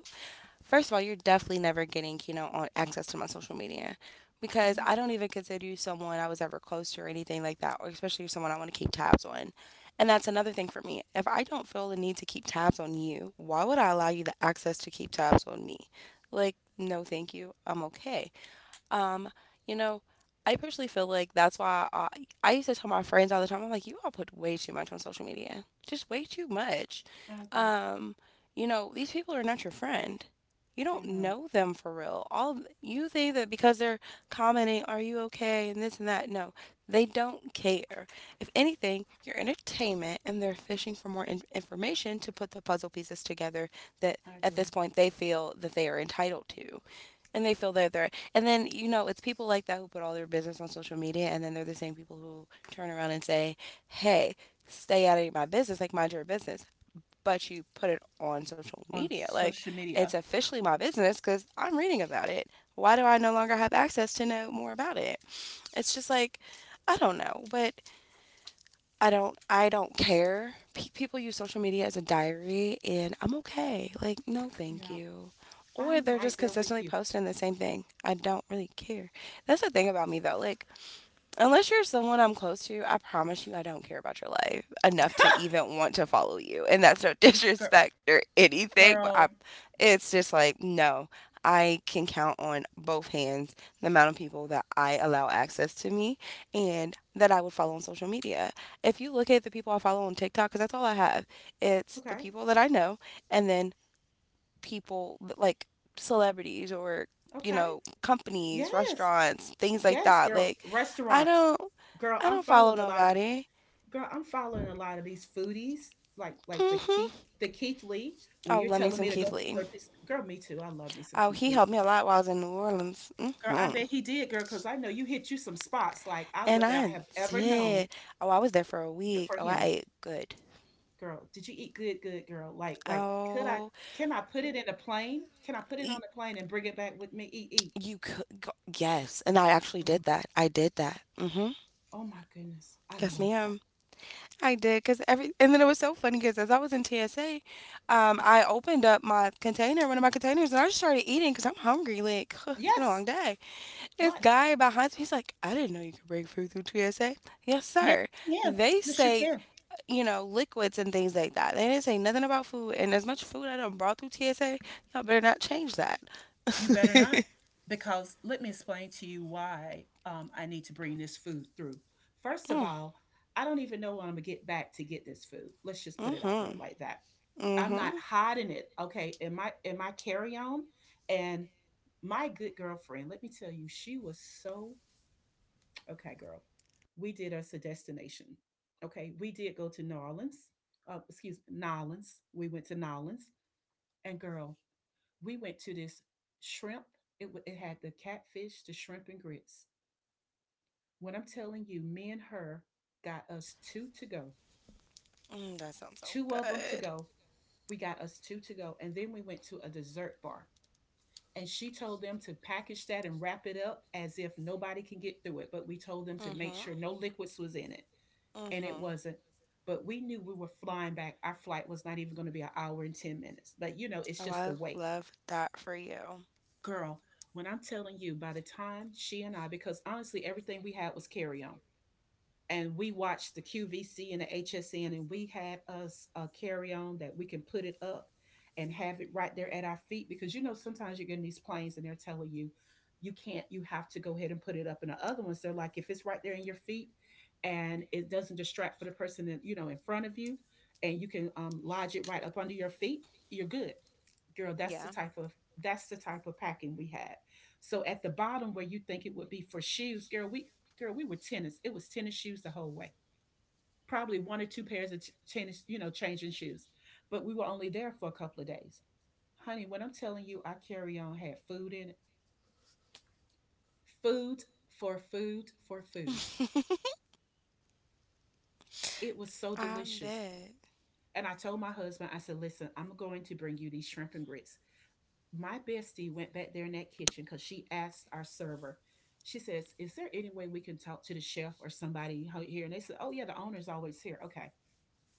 Speaker 2: first of all, you're definitely never getting, you know, on access to my social media because
Speaker 1: Hmm.
Speaker 2: I don't even consider you someone I was ever close to or anything like that, or especially someone I want to keep tabs on. And that's another thing for me. If I don't feel the need to keep tabs on you, why would I allow you the access to keep tabs on me? Like, no, thank you. I'm okay. Um, you know, I personally feel like that's why I, I used to tell my friends all the time. I'm like, you all put way too much on social media. Just way too much.
Speaker 1: I agree.
Speaker 2: Um, you know, these people are not your friend. You don't
Speaker 1: They're not.
Speaker 2: know them for real. All you think that because they're commenting, are you okay and this and that. No, they don't care. If anything, you're entertainment and they're fishing for more in- information to put the puzzle pieces together that
Speaker 1: I
Speaker 2: at this
Speaker 1: agree.
Speaker 2: point they feel that they are entitled to and they feel that they're and then, you know, it's people like that who put all their business on social media, and then they're the same people who turn around and say, hey, stay out of my business, like mind your business. But you put it on social
Speaker 1: On
Speaker 2: media. Like,
Speaker 1: social
Speaker 2: it's
Speaker 1: media.
Speaker 2: officially my business because I'm reading about it. Why do I no longer have access to know more about it? It's just like, I don't know. But I don't I don't care. Pe- people use social media as a diary and I'm okay. Like, no thank
Speaker 1: Yeah,
Speaker 2: you. Or
Speaker 1: I'm
Speaker 2: they're just
Speaker 1: right there with
Speaker 2: consistently
Speaker 1: you.
Speaker 2: posting the same thing. I don't really care. That's the thing about me though. Like, unless you're someone I'm close to, I promise you I don't care about your life enough to even want to follow you. And that's no
Speaker 1: Girl,
Speaker 2: disrespect or anything, but I,
Speaker 1: girl.
Speaker 2: it's just like, no, I can count on both hands the amount of people that I allow access to me and that I would follow on social media. If you look at the people I follow on TikTok, because that's all I have, it's the
Speaker 1: Okay,
Speaker 2: people that I know and then people like celebrities or you
Speaker 1: okay.
Speaker 2: know, companies,
Speaker 1: Yes.
Speaker 2: restaurants, things like
Speaker 1: Yes,
Speaker 2: that.
Speaker 1: girl.
Speaker 2: Like, i
Speaker 1: Restaurants.
Speaker 2: don't
Speaker 1: Girl,
Speaker 2: i
Speaker 1: I'm
Speaker 2: don't follow
Speaker 1: following a lot of
Speaker 2: nobody.
Speaker 1: girl, I'm following a lot of these foodies, like like the
Speaker 2: Mm-hmm.
Speaker 1: Keith the Keith Lee. When
Speaker 2: Oh,
Speaker 1: you're
Speaker 2: love me
Speaker 1: telling
Speaker 2: some
Speaker 1: me to go
Speaker 2: Keith Lee.
Speaker 1: to a place- girl, me too. I love me some
Speaker 2: Oh,
Speaker 1: Keith
Speaker 2: he
Speaker 1: Lee's.
Speaker 2: helped me a lot while I was in New Orleans.
Speaker 1: Girl, I
Speaker 2: Mm-hmm.
Speaker 1: bet he did, girl, because I know you hit you some spots like I
Speaker 2: And
Speaker 1: would not
Speaker 2: I
Speaker 1: have ever
Speaker 2: did.
Speaker 1: known
Speaker 2: Oh, I was there for a
Speaker 1: was it
Speaker 2: week.
Speaker 1: for
Speaker 2: Oh, I
Speaker 1: him.
Speaker 2: ate good.
Speaker 1: Girl, did you eat good, good girl? Like, like, could I
Speaker 2: Oh,
Speaker 1: can I put it in a plane? Can I put it
Speaker 2: y-
Speaker 1: on a plane and bring it back with me? Eat, eat.
Speaker 2: you could go- yes, and I actually did
Speaker 1: Mm.
Speaker 2: that. I did that. Mm-hmm.
Speaker 1: Oh my goodness. I
Speaker 2: Yes
Speaker 1: love that.
Speaker 2: ma'am, I did. Because every and then it was so funny because as I was in T S A, um, I opened up my container, one of my containers, and I just started eating because I'm hungry. Like, it's been a long
Speaker 1: Yes.
Speaker 2: day. This
Speaker 1: Like
Speaker 2: guy behind me, he's like, "I didn't know you could bring food through T S A." Yes,
Speaker 1: yes,
Speaker 2: sir.
Speaker 1: yeah.
Speaker 2: They
Speaker 1: Yes, you
Speaker 2: say,
Speaker 1: can.
Speaker 2: you know, liquids and things like that. They didn't say nothing about food. And as much food I done brought through T S A, y'all better not change that.
Speaker 1: You better
Speaker 2: mm,
Speaker 1: not, because let me explain to you why um, I need to bring this food through. First of all, I don't even know when I'm gonna get back to get this food. Let's just put it out there
Speaker 2: mm-hmm.
Speaker 1: like that. I'm
Speaker 2: Mm-hmm.
Speaker 1: not hiding it. Okay, in my in my carry on, and my good girlfriend. Let me tell you, she was so okay, girl. We did us a destination. Okay, we did go to New Orleans. Uh, excuse me, New Orleans. We went to New Orleans, and girl, we went to this shrimp. It, it had the catfish, the shrimp, and grits. When I'm telling you, me and her got us two to go,
Speaker 2: Mm, that sounds so
Speaker 1: two of them to
Speaker 2: good.
Speaker 1: go. We got us two to go. And then we went to a dessert bar. And she told them to package that and wrap it up as if nobody can get through it. But we told them to make
Speaker 2: Mm-hmm.
Speaker 1: sure no liquids was in it. And it
Speaker 2: Mm-hmm.
Speaker 1: wasn't. But we knew we were flying back. Our flight was not even going to be an hour and ten minutes. But you know, it's
Speaker 2: Oh,
Speaker 1: just
Speaker 2: I
Speaker 1: the wait.
Speaker 2: love that for you.
Speaker 1: Girl, when I'm telling you, by the time she and I, because honestly, everything we had was carry on. And we watched the Q V C and the H S N, and we had us a carry on that we can put it up and have it right there at our feet. Because you know, sometimes you get in these planes and they're telling you, you can't, you have to go ahead and put it up. And the other ones, they're like, if it's right there in your feet and it doesn't distract for the person, in, you know, in front of you, and you can um, lodge it right up under your feet, you're good girl. That's the
Speaker 2: Yeah,
Speaker 1: type of that's the type of packing we had, so at the bottom where you think it would be for shoes, girl, we girl, we were tennis, it was tennis shoes the whole way, probably one or two pairs of t- tennis, you know, changing shoes, but we were only there for a couple of days. Honey, when I'm telling you, our carry-on had food in it. Food for food for food It was so
Speaker 2: I
Speaker 1: delicious.
Speaker 2: bet.
Speaker 1: And I told my husband, I said, listen, I'm going to bring you these shrimp and grits. My bestie went back there in that kitchen because she asked our server, she says, is there any way we can talk to the chef or somebody here? And they said, oh, yeah, the owner's always here. Okay.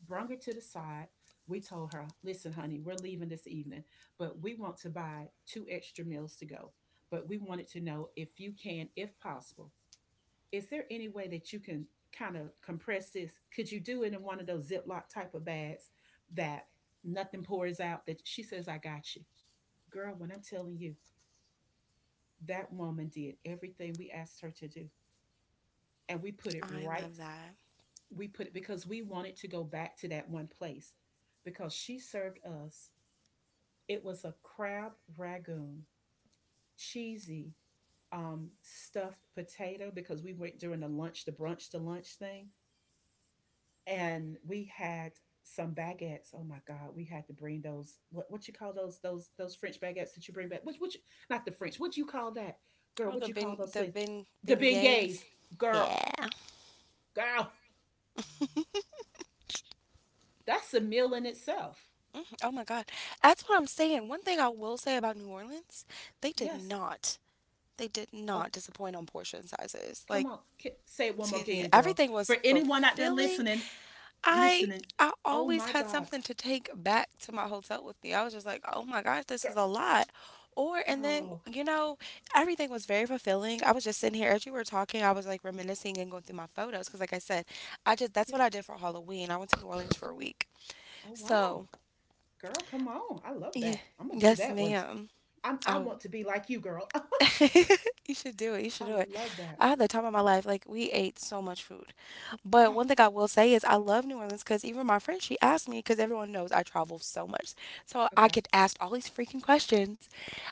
Speaker 1: Brung her to the side. We told her, listen, honey, we're leaving this evening, but we want to buy two extra meals to go. But we wanted to know if you can, if possible, is there any way that you can kind of compress this? Could you do it in one of those Ziploc type of bags that nothing pours out? That she says, I got you. Girl, when I'm telling you, that woman did everything we asked her to do. And we put it
Speaker 2: I love
Speaker 1: right.
Speaker 2: that.
Speaker 1: We put it because we wanted to go back to that one place because she served us. It was a crab ragoon, cheesy um, stuffed potato because we went during the lunch, the brunch, the lunch thing. And we had some baguettes. Oh my God, we had to bring those. What what you call those those those French baguettes that you bring back? Which which not the French. What do you call that, girl?
Speaker 2: Well,
Speaker 1: What do
Speaker 2: the
Speaker 1: you call
Speaker 2: ben,
Speaker 1: those
Speaker 2: the
Speaker 1: things?
Speaker 2: ben,
Speaker 1: The beignets,
Speaker 2: beignets.
Speaker 1: girl.
Speaker 2: Yeah.
Speaker 1: Girl, that's a meal in itself.
Speaker 2: Oh my God. That's what I'm saying. One thing I will say about New Orleans, they did
Speaker 1: Yes.
Speaker 2: not, they did
Speaker 1: Oh,
Speaker 2: not disappoint on portion sizes.
Speaker 1: come
Speaker 2: Like,
Speaker 1: on. K- Say it one more
Speaker 2: excuse me,
Speaker 1: again, girl.
Speaker 2: everything
Speaker 1: For
Speaker 2: was
Speaker 1: anyone out there
Speaker 2: fulfilling.
Speaker 1: listening,
Speaker 2: I
Speaker 1: listening.
Speaker 2: I
Speaker 1: Oh
Speaker 2: always
Speaker 1: my
Speaker 2: had
Speaker 1: God.
Speaker 2: something to take back to my hotel with me. I was just like, "Oh my gosh, this
Speaker 1: Girl.
Speaker 2: is a lot." Or and then,
Speaker 1: Girl.
Speaker 2: you know, everything was very fulfilling. I was just sitting here as you were talking. I was like reminiscing and going through my photos because like I said, I just that's
Speaker 1: Yeah.
Speaker 2: what I did for Halloween. I went to New Orleans for a
Speaker 1: Oh,
Speaker 2: week.
Speaker 1: oh wow.
Speaker 2: So,
Speaker 1: Girl, come on. I love
Speaker 2: yeah,
Speaker 1: that. I'm gonna do
Speaker 2: yes,
Speaker 1: that one. T-
Speaker 2: ma'am.
Speaker 1: I'm, I
Speaker 2: Oh,
Speaker 1: want to be like you, girl.
Speaker 2: you should do it. You should
Speaker 1: I
Speaker 2: do it.
Speaker 1: love that.
Speaker 2: I had the time of my life. Like, we ate so much food. But
Speaker 1: Oh,
Speaker 2: one thing I will say is I love New Orleans because even my friend she asked me because everyone knows I travel so much, so I
Speaker 1: okay.
Speaker 2: get asked all these freaking questions.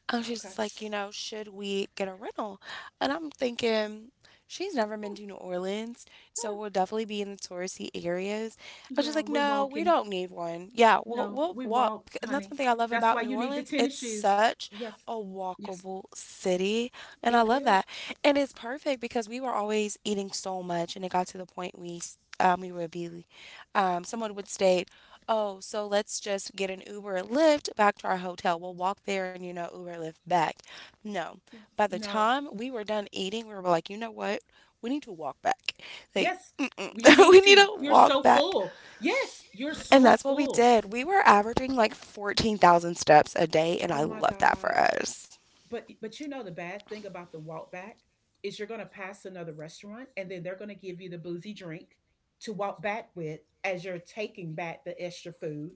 Speaker 2: Um, she's just
Speaker 1: Okay.
Speaker 2: like, you know, should we get a rental? And I'm thinking she's never been
Speaker 1: Hmm,
Speaker 2: to New Orleans, so
Speaker 1: hmm.
Speaker 2: we'll definitely be in the touristy areas. I was just
Speaker 1: Yeah,
Speaker 2: like,
Speaker 1: we're
Speaker 2: no, we
Speaker 1: walking.
Speaker 2: don't need one. Yeah, we'll
Speaker 1: No,
Speaker 2: we'll
Speaker 1: we
Speaker 2: walk,
Speaker 1: walk,
Speaker 2: and that's
Speaker 1: honey.
Speaker 2: one thing I love
Speaker 1: That's
Speaker 2: about
Speaker 1: why
Speaker 2: New
Speaker 1: you need the
Speaker 2: Orleans.
Speaker 1: tennis
Speaker 2: It's
Speaker 1: shoes.
Speaker 2: such
Speaker 1: Yes.
Speaker 2: a
Speaker 1: Yes.
Speaker 2: walkable city, and I
Speaker 1: It
Speaker 2: love that.
Speaker 1: is.
Speaker 2: And it's perfect because we were always eating so much, and it got to the point we um, we would be, um, someone would state, oh, so let's just get an Uber or Lyft back to our hotel. We'll walk there and, you know, Uber or Lyft back. No.
Speaker 1: Yeah.
Speaker 2: By the
Speaker 1: No.
Speaker 2: time we were done eating, we were like, you know what? We need to walk back. Like,
Speaker 1: Yes,
Speaker 2: mm-mm.
Speaker 1: you need
Speaker 2: We need
Speaker 1: to.
Speaker 2: to
Speaker 1: You're
Speaker 2: walk
Speaker 1: so
Speaker 2: back.
Speaker 1: full. Yes, you're
Speaker 2: And
Speaker 1: so
Speaker 2: that's what we
Speaker 1: full.
Speaker 2: did. We were averaging like fourteen thousand steps a day, and
Speaker 1: Oh
Speaker 2: I
Speaker 1: my
Speaker 2: love that
Speaker 1: god.
Speaker 2: for us.
Speaker 1: But but you know the bad thing about the walk back is you're gonna pass another restaurant and then they're gonna give you the boozy drink to walk back with as you're taking back the extra food.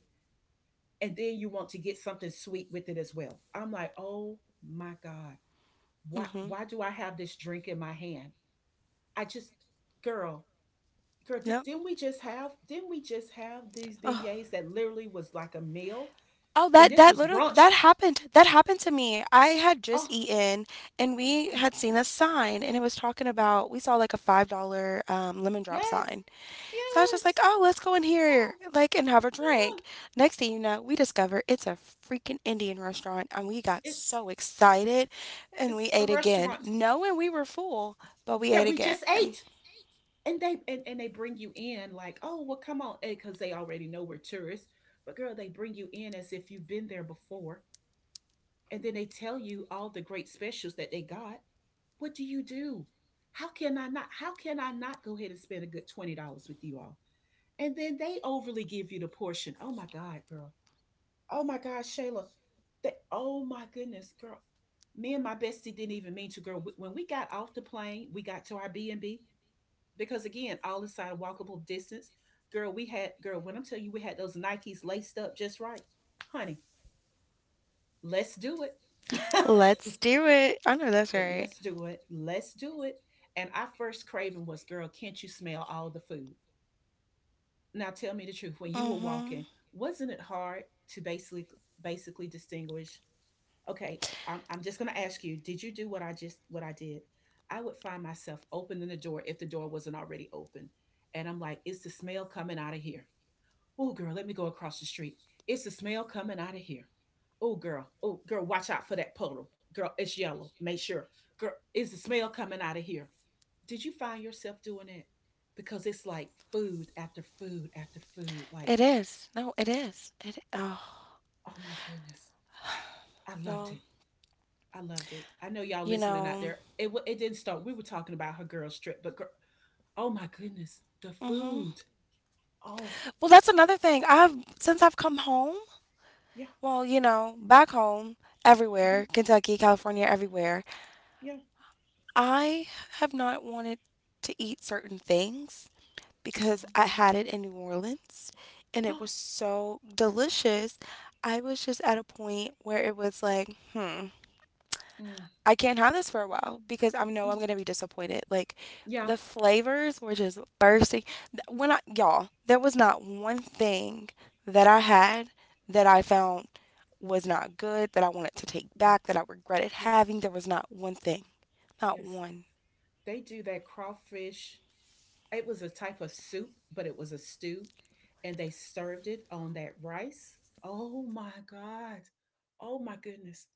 Speaker 1: And then you want to get something sweet with it as well. I'm like, oh my God, why
Speaker 2: Mm-hmm.
Speaker 1: why do I have this drink in my hand? I just girl, girl, did,
Speaker 2: Yep.
Speaker 1: didn't we just have didn't we just have these beignets that literally was like a meal?
Speaker 2: Oh,
Speaker 1: And
Speaker 2: that
Speaker 1: this
Speaker 2: that
Speaker 1: was
Speaker 2: little
Speaker 1: brunch.
Speaker 2: that happened. That happened to me. I had just
Speaker 1: Oh,
Speaker 2: eaten and we
Speaker 1: oh,
Speaker 2: had seen a sign and it was talking about we saw like a five dollar um, lemon drop
Speaker 1: yes,
Speaker 2: sign. So I was just like,
Speaker 1: yes.
Speaker 2: "Oh, let's go in here
Speaker 1: Oh,
Speaker 2: like and have a
Speaker 1: yeah.
Speaker 2: drink." Next thing you know, we discover it's a freaking Indian restaurant and we got
Speaker 1: It's
Speaker 2: so excited and we
Speaker 1: it's a
Speaker 2: ate again.
Speaker 1: restaurant
Speaker 2: Knowing we were full, but we ate
Speaker 1: that we just
Speaker 2: again.
Speaker 1: ate, and they and, and they bring you in like, oh, well, come on, because they already know we're tourists. But girl, they bring you in as if you've been there before, and then they tell you all the great specials that they got. What do you do? How can I not? How can I not go ahead and spend a good twenty dollars with you all? And then they overly give you the portion. Oh my God, girl. Oh my God, Shayla. That oh my goodness, girl. Me and my bestie didn't even mean to, girl. When we got off the plane, we got to our B and B because again, all inside a walkable distance. Girl, we had girl. When I'm telling you, we had those Nikes laced up just right, honey. Let's do it.
Speaker 2: Let's do it. I know that's right.
Speaker 1: let's do it. Let's do it. And our first craving was, girl, can't you smell all the food? Now tell me the truth, when you were walking
Speaker 2: Mhm.
Speaker 1: wasn't it hard to basically basically distinguish, okay i'm, I'm just going to ask you, did you do what I just what I did? I would find myself opening the door if the door wasn't already open, and I'm like, it's the smell coming out of here. Oh girl, let me go across the street, it's the smell coming out of here. Oh girl, oh girl, watch out for that puddle, girl, it's yellow, make sure. Girl, it's the smell coming out of here. Did you find yourself doing it? Because it's like food after food after food. Like,
Speaker 2: It is. No, it is. It oh,
Speaker 1: oh my goodness, I loved
Speaker 2: y'all.
Speaker 1: it. I loved it. I know y'all
Speaker 2: You
Speaker 1: listening out
Speaker 2: know,
Speaker 1: there. It wa- it didn't start. We were talking about her girl strip, but girl, oh my goodness, the
Speaker 2: hmm,
Speaker 1: food. Oh
Speaker 2: well, that's another thing. I've since I've come home,
Speaker 1: yeah,
Speaker 2: well, you know, back home,
Speaker 1: hmm
Speaker 2: everywhere, Kentucky, California, everywhere,
Speaker 1: yeah,
Speaker 2: I have not wanted to eat certain things because
Speaker 1: uh-huh.
Speaker 2: I had it in New Orleans and it was so delicious. I was just at a point where it was like, hmm,
Speaker 1: mm,
Speaker 2: I can't have this for a while because I know I'm gonna
Speaker 1: mm,
Speaker 2: be disappointed. Like,
Speaker 1: yeah,
Speaker 2: the flavors were just
Speaker 1: yeah,
Speaker 2: bursting. Th- When I y'all, there was not one thing that I had that I found was not good, that I wanted to take
Speaker 1: yeah,
Speaker 2: back, that I regretted
Speaker 1: yeah.
Speaker 2: having. There was not one thing. Not
Speaker 1: Yes,
Speaker 2: one.
Speaker 1: they do that crawfish. It was a type of soup, but it was a stew, and they served it on that rice. Oh my God. Oh my goodness.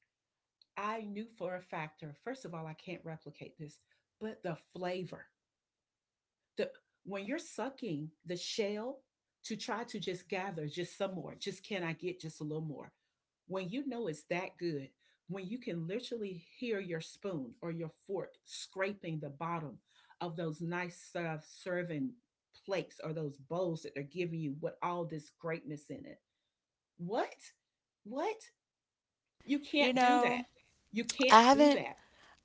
Speaker 1: I knew for a factor, first of all, I can't replicate this, but the flavor the, when you're sucking the shell to try to just gather just some more, just can I get just a little more? When you know it's that good, when you can literally hear your spoon or your fork scraping the bottom of those nice serve, serving plates or those bowls that they're giving you with all this greatness in it. What? What? You can't
Speaker 2: You
Speaker 1: do that.
Speaker 2: know,
Speaker 1: You can't
Speaker 2: I
Speaker 1: do
Speaker 2: haven't
Speaker 1: that.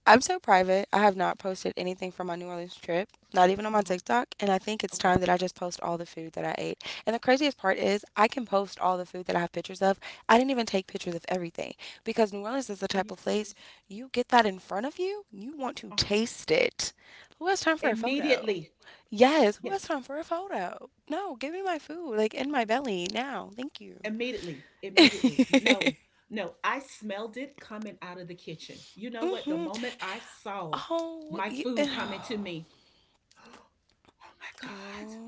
Speaker 2: I'm so private. I have not posted anything from my New Orleans trip, not even on
Speaker 1: Uh
Speaker 2: my
Speaker 1: huh.
Speaker 2: TikTok. And I think it's
Speaker 1: Okay.
Speaker 2: time that I just post all the food that I ate. And the craziest part is, I can post all the food that I have pictures of. I didn't even take pictures of everything because New Orleans is the
Speaker 1: Are
Speaker 2: type
Speaker 1: you
Speaker 2: of place
Speaker 1: serious?
Speaker 2: you get that in front of you, you want to
Speaker 1: Uh huh.
Speaker 2: taste it. Who has time for a photo?
Speaker 1: Immediately.
Speaker 2: Yes, who has
Speaker 1: Yes.
Speaker 2: time for a photo? No, give me my food, like in my belly now. Thank you.
Speaker 1: Immediately, immediately. No, no. I smelled it coming out of the kitchen. You know what? The
Speaker 2: Hmm.
Speaker 1: moment I saw
Speaker 2: Oh,
Speaker 1: my
Speaker 2: y-
Speaker 1: food coming to me, oh my God,
Speaker 2: girl.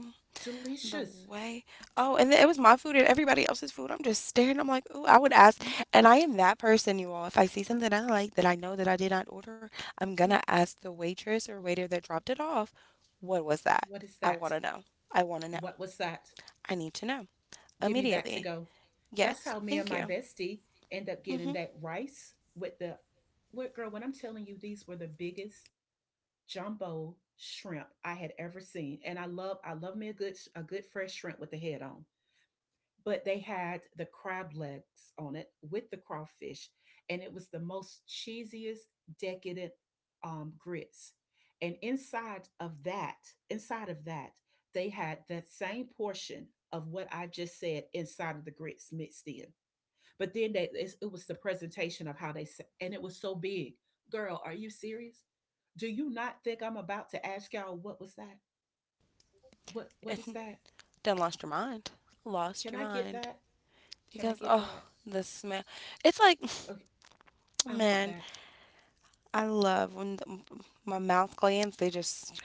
Speaker 2: The
Speaker 1: delicious.
Speaker 2: way. Oh, and then it was my food and everybody else's food. I'm just staring. I'm like, ooh, I would ask.
Speaker 1: My-
Speaker 2: And I am that person, you all. If I see something I like that I know that I did not order, I'm gonna
Speaker 1: yeah,
Speaker 2: ask the waitress or waiter that dropped it off, what was that?
Speaker 1: what is
Speaker 2: I
Speaker 1: that?
Speaker 2: wanna know. I wanna know.
Speaker 1: What was that?
Speaker 2: I need to know
Speaker 1: Give me that to
Speaker 2: immediately.
Speaker 1: go. That's
Speaker 2: Yes,
Speaker 1: how me and
Speaker 2: thank
Speaker 1: my
Speaker 2: you.
Speaker 1: bestie end up getting
Speaker 2: Mm-hmm.
Speaker 1: that rice with the, what girl, when I'm telling you, these were the biggest jumbo shrimp I had ever seen. And I love, I love me a good, a good fresh shrimp with the head on. But they had the crab legs on it with the crawfish, and it was the most cheesiest, decadent um, grits. And inside of that, Inside of that, they had that same portion of what I just said inside of the grits mixed in. But then they, it's- it was the presentation of how they sa- and it was so big. Girl, are you serious? Do you not think I'm about to ask y'all what was that? What what is
Speaker 2: And
Speaker 1: that?
Speaker 2: then lost your mind. Lost
Speaker 1: Can
Speaker 2: your
Speaker 1: I get
Speaker 2: mind.
Speaker 1: that? Can I
Speaker 2: Because,
Speaker 1: get
Speaker 2: oh,
Speaker 1: that?
Speaker 2: the smell. It's like,
Speaker 1: Okay, I want
Speaker 2: man,
Speaker 1: that.
Speaker 2: I love when the, my mouth glands, they just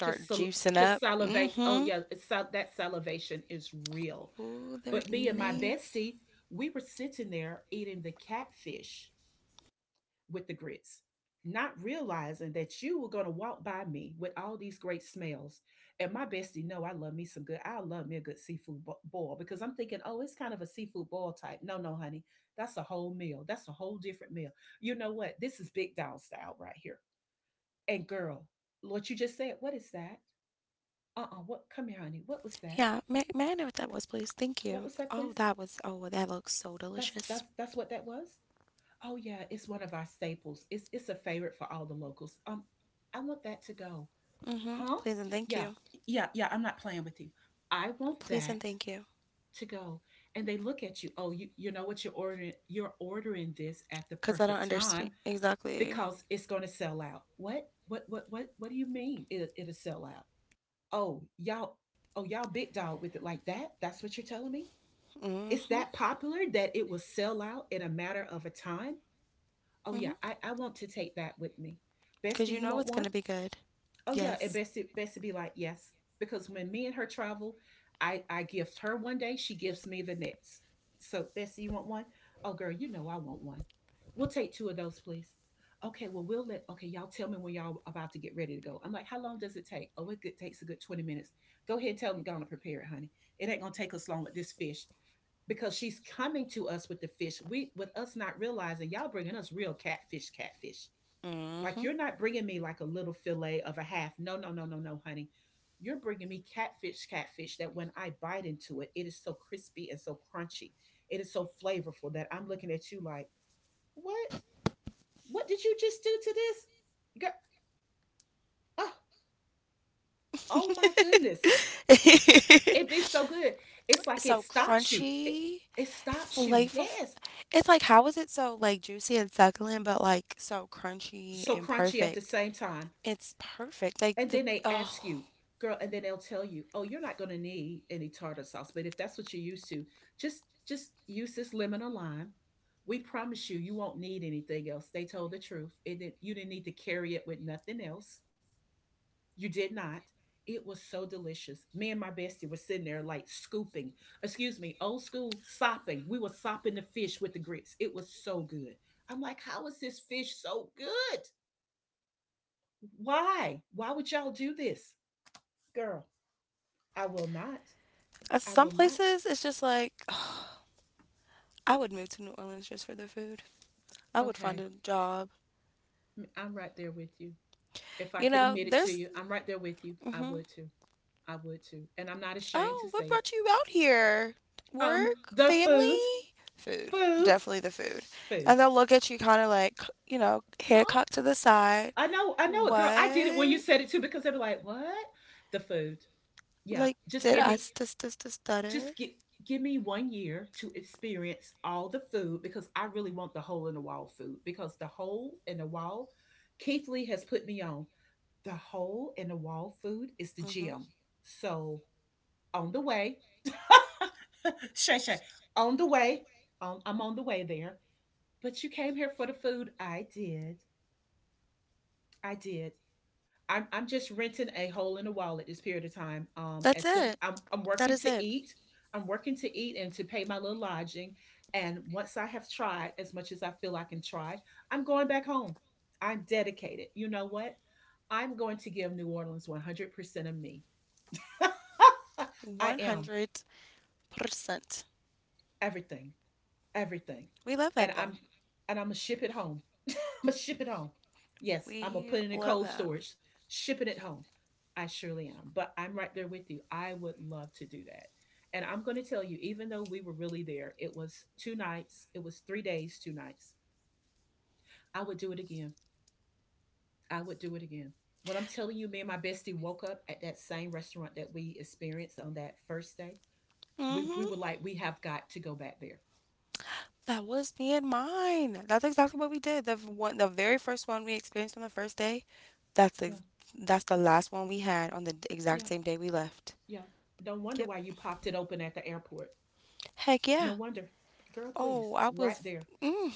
Speaker 1: Just sal-
Speaker 2: juicing
Speaker 1: just
Speaker 2: up.
Speaker 1: salivate. Oh
Speaker 2: Mm-hmm.
Speaker 1: yeah, it's sal- that salivation is real.
Speaker 2: Ooh, they're
Speaker 1: But me and my
Speaker 2: nice.
Speaker 1: bestie, we were sitting there eating the catfish with the grits, not realizing that you were gonna walk by me with all these great smells. And my bestie, no, I love me some good. I love me a good seafood bo- boil because I'm thinking, oh, it's kind of a seafood boil type. No, no, honey, that's a whole meal. That's a whole different meal. You know what? This is big dog style right here. And girl, what you just said, what is that? Uh-uh, what, come here honey, what was that,
Speaker 2: Yeah, may, may I know what that was, please? Thank
Speaker 1: what
Speaker 2: you.
Speaker 1: was that
Speaker 2: Oh,
Speaker 1: please.
Speaker 2: that was, oh, well, that looks so
Speaker 1: That's
Speaker 2: delicious.
Speaker 1: that's that's what that was. Oh yeah, it's one of our staples. It's it's a favorite for all the locals. Um, I want that to go.
Speaker 2: Mm-hmm.
Speaker 1: Huh?
Speaker 2: Please and thank
Speaker 1: Yeah.
Speaker 2: you.
Speaker 1: Yeah yeah I'm not playing with you. I want
Speaker 2: Please
Speaker 1: that
Speaker 2: and thank you.
Speaker 1: to go. And they look at you, oh, you you know what you're ordering. You're ordering this at the
Speaker 2: Because I don't
Speaker 1: perfect time
Speaker 2: understand. Exactly.
Speaker 1: because it's going to sell out. What what what what what do you mean it, it'll sell out? Oh y'all. Oh y'all big dog with it like that? That's what you're telling me. It's
Speaker 2: Mm-hmm.
Speaker 1: that popular that it will sell out in a matter of a time. Oh yeah,
Speaker 2: Mm-hmm.
Speaker 1: I, I want to take that with me.
Speaker 2: Because
Speaker 1: Bestie,
Speaker 2: you
Speaker 1: you
Speaker 2: know
Speaker 1: want
Speaker 2: it's going
Speaker 1: one?
Speaker 2: to be good.
Speaker 1: Oh yeah, and
Speaker 2: Yes.
Speaker 1: Bestie Bestie be like, yes. Because when me and her travel, I, I gift her one day, she gives me the next. So Bestie, you want one? Oh girl, you know I want one. We'll take two of those, please. Okay, well we'll let okay, y'all tell me when y'all about to get ready to go. I'm like, how long does it take? Oh, it takes a good twenty minutes. Go ahead and tell them to go on and prepare it, honey. It ain't gonna take us long with this fish because she's coming to us with the fish. We with us not realizing y'all bringing us real catfish, catfish. Like
Speaker 2: Mm-hmm.
Speaker 1: you're not bringing me like a little fillet of a half. No, no, no, no, no, honey. You're bringing me catfish, catfish that when I bite into it, it is so crispy and so crunchy. It is so flavorful that I'm looking at you like, what? What did you just do to this? Girl, oh, oh my goodness. It be so good. It's like it
Speaker 2: So
Speaker 1: stops you. It,
Speaker 2: crunchy,
Speaker 1: it stops you.
Speaker 2: flavor.
Speaker 1: Yes.
Speaker 2: It's like, how is it so, like, juicy and succulent, but, like, so crunchy
Speaker 1: So
Speaker 2: and
Speaker 1: crunchy at the
Speaker 2: perfect?
Speaker 1: same time.
Speaker 2: It's perfect. Like
Speaker 1: And
Speaker 2: the
Speaker 1: then they ask
Speaker 2: oh,
Speaker 1: you, girl, and then they'll tell you, oh, you're not going to need any tartar sauce, but if that's what you're used to, just just use this lemon or lime. We promise you, you won't need anything else. They told the truth. It didn't, you didn't need to carry it with nothing else. You did not. It was so delicious. Me and my bestie were sitting there like scooping, excuse me, old school sopping. We were sopping the fish with the grits. It was so good. I'm like, how is this fish so good? Why? Why would y'all do this? Girl, I will not.
Speaker 2: uh,
Speaker 1: I
Speaker 2: some
Speaker 1: will not.
Speaker 2: places it's just like I would move to New Orleans just for the food. I would find
Speaker 1: Okay.
Speaker 2: a job.
Speaker 1: m- I'm right there with you. If I
Speaker 2: You
Speaker 1: could
Speaker 2: know,
Speaker 1: admit it to
Speaker 2: there's
Speaker 1: you, I'm right there with you. I
Speaker 2: hmm.
Speaker 1: would too. I would too. And I'm not ashamed
Speaker 2: Oh,
Speaker 1: to
Speaker 2: what
Speaker 1: say it.
Speaker 2: brought you out here?
Speaker 1: Um,
Speaker 2: Work,
Speaker 1: the food,
Speaker 2: family, food.
Speaker 1: food,
Speaker 2: Definitely the food. And
Speaker 1: food.
Speaker 2: they'll look at you kind of like, you know, head
Speaker 1: Huh?
Speaker 2: cocked to the side.
Speaker 1: I know, I know it, girl. I did it when you
Speaker 2: What?
Speaker 1: said it too because they were like, what? The food. Yeah.
Speaker 2: Like,
Speaker 1: Just
Speaker 2: did
Speaker 1: give
Speaker 2: I
Speaker 1: me,
Speaker 2: st- st- st- stutter?
Speaker 1: just get give me one year to experience all the food because I really want the hole in the wall food, because the hole in the wall, Keith Lee has put me on. The hole in the wall food is the
Speaker 2: Hmm.
Speaker 1: gym. So on the way, Shay Shay, on the way, um, I'm on the way there. But you came here for the food. I did. I did. I'm, I'm just renting a hole in the wall at this period of time. Um,
Speaker 2: That's
Speaker 1: as soon
Speaker 2: it.
Speaker 1: I'm, I'm
Speaker 2: That
Speaker 1: working
Speaker 2: is it.
Speaker 1: to eat, I'm working to eat and to pay my little lodging. And once I have tried as much as I feel I can try, I'm going back home. I'm dedicated. You know what? I'm going to give New Orleans one hundred percent of me. I am
Speaker 2: one hundred percent.
Speaker 1: everything, everything,
Speaker 2: We love that
Speaker 1: and
Speaker 2: though.
Speaker 1: I'm and I'm gonna ship it home. I'm gonna ship it home. Yes, I'm gonna
Speaker 2: We
Speaker 1: put it in
Speaker 2: love
Speaker 1: cold
Speaker 2: that.
Speaker 1: storage, shipping it home. I surely am, but I'm right there with you. I would love to do that, and I'm gonna tell you, even though we were really there, it was two nights, it was three days, two nights. I would do it again. I would do it again. When I'm telling you, me and my bestie woke up at that same restaurant that we experienced on that first day. We we were
Speaker 2: hmm
Speaker 1: like, we have got to go back there.
Speaker 2: That was me and mine. That's exactly what we did. The f- one, the very first one we experienced on the first day. That's
Speaker 1: Yeah,
Speaker 2: ex- that's the last one we had on the d- exact
Speaker 1: yeah.
Speaker 2: same day we left.
Speaker 1: Yeah. Don't wonder
Speaker 2: Yep.
Speaker 1: why you popped it open at the airport.
Speaker 2: Heck yeah.
Speaker 1: No wonder. Girl,
Speaker 2: Oh,
Speaker 1: please.
Speaker 2: I
Speaker 1: Right
Speaker 2: was.
Speaker 1: there.
Speaker 2: Mm,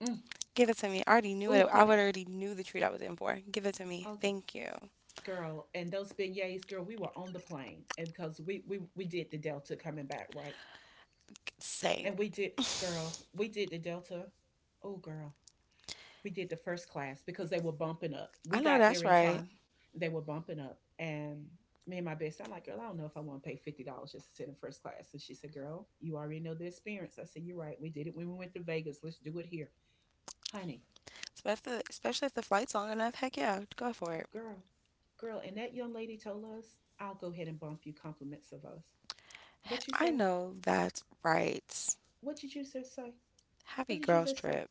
Speaker 1: Mm.
Speaker 2: give it to me. I already knew
Speaker 1: Oh,
Speaker 2: it. I would
Speaker 1: honey.
Speaker 2: already knew the treat I was in for. Give it to me.
Speaker 1: Okay.
Speaker 2: Thank you.
Speaker 1: Girl, and those beignets, girl, we were on the plane and because we, we we did the Delta coming back, right?
Speaker 2: Same.
Speaker 1: And we did, girl, we did the Delta. Oh girl. We did the first class because they were bumping up. We
Speaker 2: I know
Speaker 1: got there
Speaker 2: that's
Speaker 1: in
Speaker 2: right.
Speaker 1: time. They were bumping up. And me and my best, I'm like, girl, I don't know if I want to pay fifty dollars just to sit in first class. And she said, girl, you already know the experience. I said, you're right. We did it when we went to Vegas. Let's do it here. Honey,
Speaker 2: Especially, if the, especially if the flight's long enough. Heck yeah, go for it.
Speaker 1: girl, girl, and that young lady told us, I'll go ahead and bump you compliments of us. What you
Speaker 2: I
Speaker 1: say?
Speaker 2: know that's right.
Speaker 1: What did you just say?
Speaker 2: Happy
Speaker 1: What did you
Speaker 2: girls
Speaker 1: just say?
Speaker 2: trip.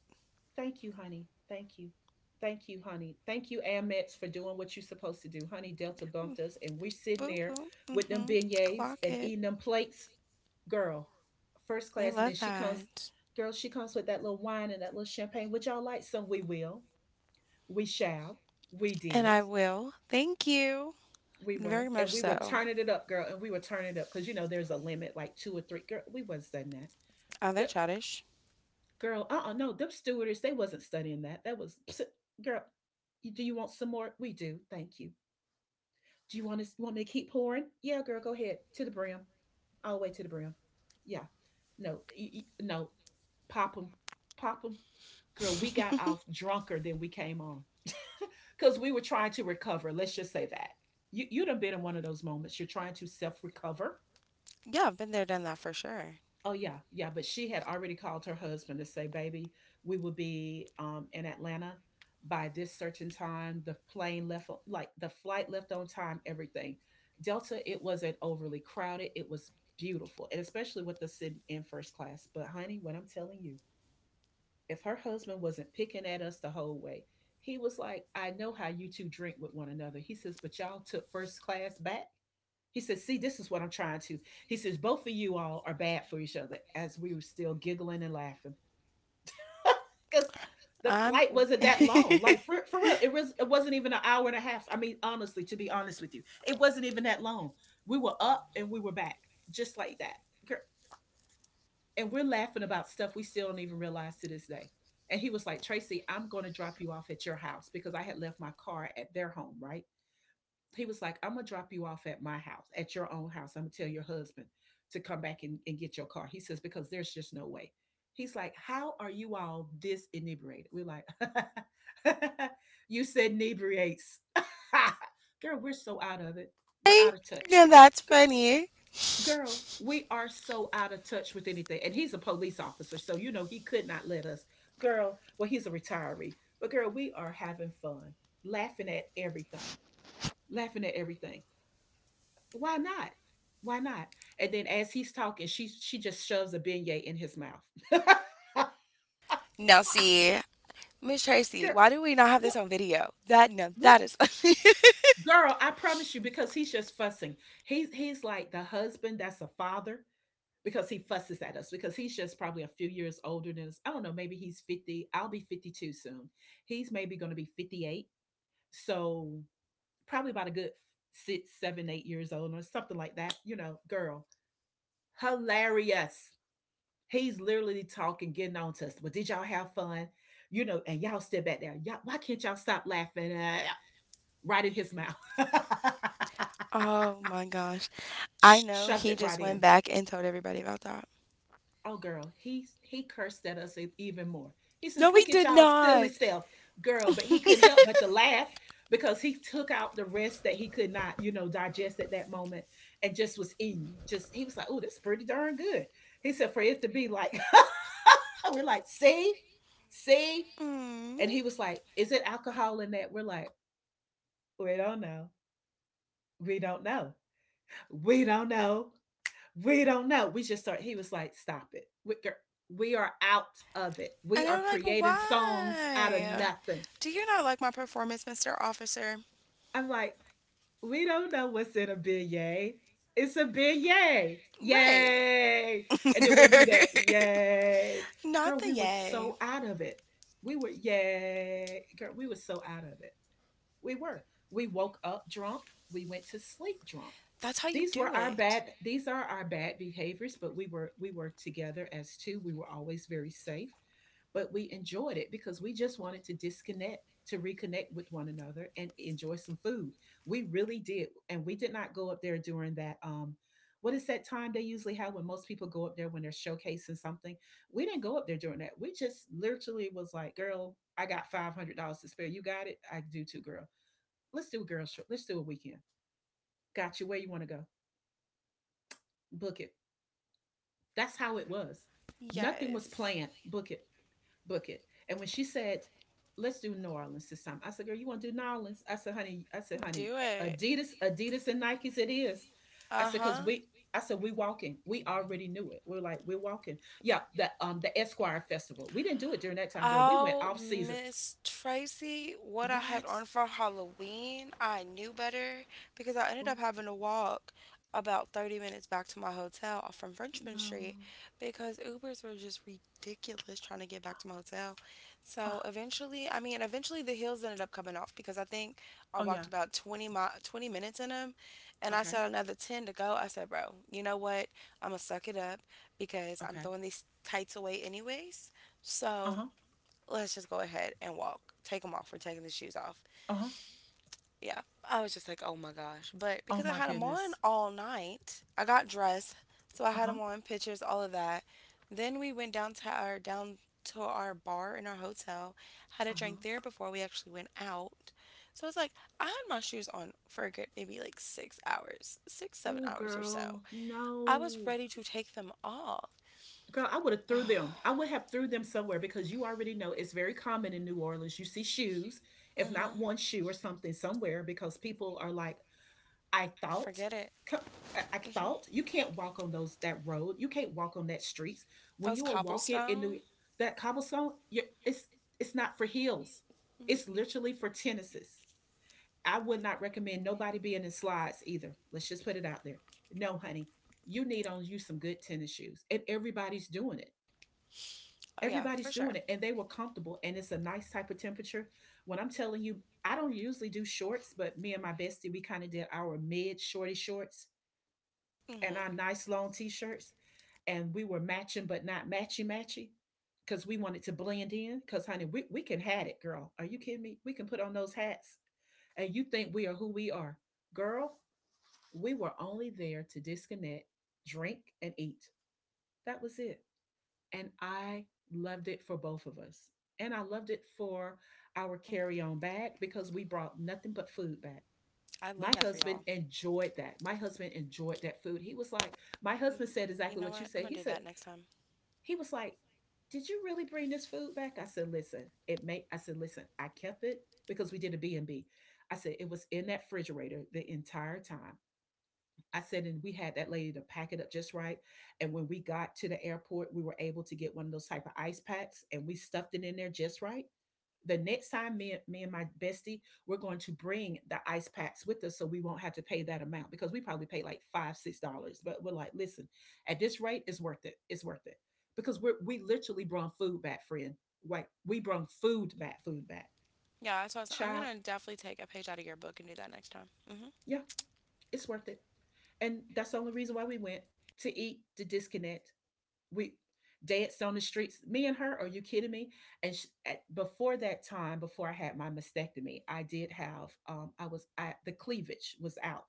Speaker 1: Thank you, honey. Thank you. Thank you, honey. Thank you, Amex, for doing what you're supposed to do. Honey, Delta bumped us, and we're sitting
Speaker 2: Boop,
Speaker 1: there
Speaker 2: boop.
Speaker 1: with them
Speaker 2: Mm-hmm.
Speaker 1: beignets
Speaker 2: Clock
Speaker 1: and
Speaker 2: it.
Speaker 1: eating them plates. Girl, first
Speaker 2: We
Speaker 1: class. And then
Speaker 2: love
Speaker 1: she comes,
Speaker 2: that.
Speaker 1: girl, she comes with that little wine and that little champagne. Would y'all like some? We will. We shall. We
Speaker 2: And
Speaker 1: did.
Speaker 2: I will. Thank you.
Speaker 1: We
Speaker 2: Very
Speaker 1: were.
Speaker 2: much
Speaker 1: And we were
Speaker 2: so.
Speaker 1: turning it up, girl. And we were turning it up because, you know, there's a limit, like two or three. Girl, we wasn't saying
Speaker 2: Are they
Speaker 1: that.
Speaker 2: childish?
Speaker 1: Girl, uh-uh, no, them stewardess, they wasn't studying that. That was, pss, girl, you- do you want some more? We do, thank you. Do you want us, you want me to keep pouring? Yeah, girl, go ahead, to the brim, all the way to the brim. Yeah, no, y- y- no, pop them, pop them. Girl, we got off drunker than we came on because we were trying to recover. Let's just say that. You, you done been in one of those moments. You're trying to self recover.
Speaker 2: Yeah, I've been there, done that for sure.
Speaker 1: Oh yeah, yeah, but she had already called her husband to say, "Baby, we will be um, in Atlanta by this certain time." The plane left, o- like the flight left on time. Everything. Delta, it wasn't overly crowded. It was beautiful, and especially with the sitting in first class. But honey, what I'm telling you, if her husband wasn't picking at us the whole way, he was like, "I know how you two drink with one another." He says, "But y'all took first class back." He says, see, this is what I'm trying to. He says, both of you all are bad for each other, as we were still giggling and laughing. Because the
Speaker 2: I'm.
Speaker 1: flight wasn't that long. Like for, for real, it was it wasn't even an hour and a half. I mean, honestly, to be honest with you, it wasn't even that long. We were up and we were back, just like that. And we're laughing about stuff we still don't even realize to this day. And he was like, Tracy, I'm going to drop you off at your house because I had left my car at their home, right? He was like, I'm gonna drop you off at my house, at your own house. I'm gonna tell your husband to come back and, and get your car. He says, because there's just no way. He's like, how are you all this inebriated? We're like, you said inebriates. Girl, we're so out of it. We're out
Speaker 2: Hey,
Speaker 1: of touch.
Speaker 2: now that's
Speaker 1: Girl,
Speaker 2: funny.
Speaker 1: girl, we are so out of touch with anything. And he's a police officer, so you know he could not let us. Girl, well, he's a retiree. But girl, we are having fun, laughing at everything, laughing at everything. Why not? Why not? And then as he's talking, she she just shoves a beignet in his mouth. Girl,
Speaker 2: Now see, Miss Tracy, why do we not have this
Speaker 1: what
Speaker 2: on video? That no,
Speaker 1: what
Speaker 2: that is.
Speaker 1: girl, I promise you, because he's just fussing. He's he's like the husband that's a father because he fusses at us because he's just probably a few years older than us. I don't know, maybe he's fifty. I'll be fifty-two soon. He's maybe gonna be fifty-eight. So probably about a good six, seven, eight years old or something like that. You know, girl. Hilarious. He's literally talking, getting on to us. Well, did y'all have fun? You know, and y'all sit back there. Y'all, why can't y'all stop laughing? Uh, right in his mouth.
Speaker 2: Oh my gosh, I know
Speaker 1: Shoved
Speaker 2: he
Speaker 1: it right
Speaker 2: just went
Speaker 1: in.
Speaker 2: back and told everybody about that.
Speaker 1: Oh, girl, he he cursed at us e- even more. He says,
Speaker 2: No, he
Speaker 1: "Look at
Speaker 2: did
Speaker 1: y'all silly
Speaker 2: not.
Speaker 1: self, girl." But he couldn't help but to laugh because he took out the rest that he could not, you know, digest at that moment, and just was eating. Just he was like, "Oh, that's pretty darn good." He said, "For it to be like." We're like, see, see.
Speaker 2: Mm.
Speaker 1: And he was like, is it alcohol in that? We're like, we don't know. We don't know. We don't know. We don't know. We just start. He was like, stop it. We, we are out of it. We
Speaker 2: And
Speaker 1: are
Speaker 2: I'm like,
Speaker 1: creating songs out of
Speaker 2: why?
Speaker 1: nothing.
Speaker 2: Do you not like my performance, mister Officer?
Speaker 1: I'm like, we don't know what's in a beignet. It's a beignet.
Speaker 2: Right.
Speaker 1: Yay. And then we'll do that. Yay.
Speaker 2: Not
Speaker 1: Girl,
Speaker 2: the
Speaker 1: we were
Speaker 2: yay.
Speaker 1: so out of it. We were, yay. Girl, we were so out of it. We were. We woke up drunk. We went to sleep drunk.
Speaker 2: That's how you
Speaker 1: These
Speaker 2: do
Speaker 1: were our
Speaker 2: it.
Speaker 1: bad these are our bad behaviors, but we were we were together as two. We were always very safe, but we enjoyed it because we just wanted to disconnect, to reconnect with one another and enjoy some food. We really did. And we did not go up there during that um what is that time they usually have when most people go up there when they're showcasing something? We didn't go up there during that. We just literally was like, girl, I got five hundred dollars to spare. You got it? I do too, girl, let's do a girls trip. Let's do a weekend. Got you. Where you want to go? Book it. That's how it was. Nothing was
Speaker 2: Yes.
Speaker 1: planned. Book it. Book it. And when she said, let's do New Orleans this time, I said, girl, you want to do New Orleans? I said, honey, I said, honey,
Speaker 2: Do it.
Speaker 1: Adidas, Adidas and Nikes, it is. I
Speaker 2: Uh
Speaker 1: said, cause
Speaker 2: huh.
Speaker 1: we, I said, we walking. We already knew it. We're like, we're walking. Yeah, the um the Esquire Festival. We didn't do it during that time, girl. We went
Speaker 2: Oh,
Speaker 1: off season.
Speaker 2: Miss Tracy, what I had
Speaker 1: What?
Speaker 2: on for Halloween, I knew better because I ended
Speaker 1: Oh
Speaker 2: up having to walk about thirty minutes back to my hotel off from Frenchman
Speaker 1: no.
Speaker 2: Street because Ubers were just ridiculous trying to get back to my hotel.
Speaker 1: Oh,
Speaker 2: So eventually, I mean, eventually the heels ended up coming off because I think I
Speaker 1: oh yeah.
Speaker 2: walked about twenty mi twenty minutes in them and I
Speaker 1: Okay.
Speaker 2: saw another ten to go. I said, bro, you know what? I'm gonna suck it up because I'm
Speaker 1: Okay.
Speaker 2: throwing these tights away anyways.
Speaker 1: Uh
Speaker 2: So
Speaker 1: huh.
Speaker 2: let's just go ahead and walk. Take them off. We're taking the shoes off.
Speaker 1: Uh huh.
Speaker 2: Yeah. I was just like, oh my gosh. But
Speaker 1: Oh
Speaker 2: because I
Speaker 1: my
Speaker 2: had them on
Speaker 1: goodness.
Speaker 2: all night, I got dressed. So I had
Speaker 1: Uh-huh.
Speaker 2: them on, pictures, all of that. Then we went down to our down to our bar in our hotel, had a
Speaker 1: Uh-huh.
Speaker 2: drink there before we actually went out. So it's like I had my shoes on for a good maybe like six hours, six seven
Speaker 1: Oh
Speaker 2: hours or so.
Speaker 1: girl,
Speaker 2: I was
Speaker 1: no.
Speaker 2: ready to take them off.
Speaker 1: Girl, I would have threw them. I would have threw them somewhere because you already know it's very common in New Orleans. You see shoes, if not
Speaker 2: hmm
Speaker 1: one shoe or something somewhere because people are like, I thought
Speaker 2: Forget it.
Speaker 1: co- I I
Speaker 2: hmm
Speaker 1: thought you can't walk on those that road. You can't walk on that streets. When
Speaker 2: Those
Speaker 1: you are walking in New
Speaker 2: cobblestone.
Speaker 1: that cobblestone, you it's it's not for heels. It's
Speaker 2: Mm-mm.
Speaker 1: literally for tennises. I would not recommend nobody being in slides either. Let's just put it out there. No, honey, you need on you some good tennis shoes. And everybody's doing it.
Speaker 2: Oh yeah, for
Speaker 1: Everybody's doing
Speaker 2: sure.
Speaker 1: it. And they were comfortable. And it's a nice type of temperature. When I'm telling you, I don't usually do shorts, but me and my bestie, we kind of did our mid shorty shorts and our
Speaker 2: hmm
Speaker 1: nice long t shirts. And we were matching, but not matchy matchy because we wanted to blend in. Because, honey, we, we can hat it, girl. Are you kidding me? We can put on those hats. And you think we are who we are. Girl, we were only there to disconnect, drink, and eat. That was it. And I loved it for both of us. And I loved it for our carry on bag because we brought nothing but food back.
Speaker 2: I love
Speaker 1: My
Speaker 2: that for
Speaker 1: husband
Speaker 2: y'all.
Speaker 1: enjoyed that. My husband enjoyed that food. He was like, my
Speaker 2: Mm,
Speaker 1: husband said
Speaker 2: you
Speaker 1: exactly
Speaker 2: know
Speaker 1: what you
Speaker 2: what? I'm
Speaker 1: said.
Speaker 2: gonna
Speaker 1: He
Speaker 2: do
Speaker 1: said,
Speaker 2: that next time.
Speaker 1: he was like, did you really bring this food back? I said, listen, it may, I said, listen, I kept it because we did a B and B. I said, it was in that refrigerator the entire time. I said, and we had that lady to pack it up just right. And when we got to the airport, we were able to get one of those type of ice packs and we stuffed it in there just right. The next time, me, me and my bestie, we're going to bring the ice packs with us so we won't have to pay that amount because we probably pay like five, six dollars. But we're like, listen, at this rate, it's worth it. It's worth it because we we literally brought food back, friend. Like, we brought food back, food back.
Speaker 2: Yeah, that's what I was, I'm
Speaker 1: Child,
Speaker 2: gonna definitely take a page out of your book and do that next time. hmm
Speaker 1: yeah, it's worth it. And that's the only reason why we went to eat, to disconnect, we danced on the streets. Me and her, are you kidding me? And sh at, before that time, before I had my mastectomy, I did have um, I was I, the cleavage was out,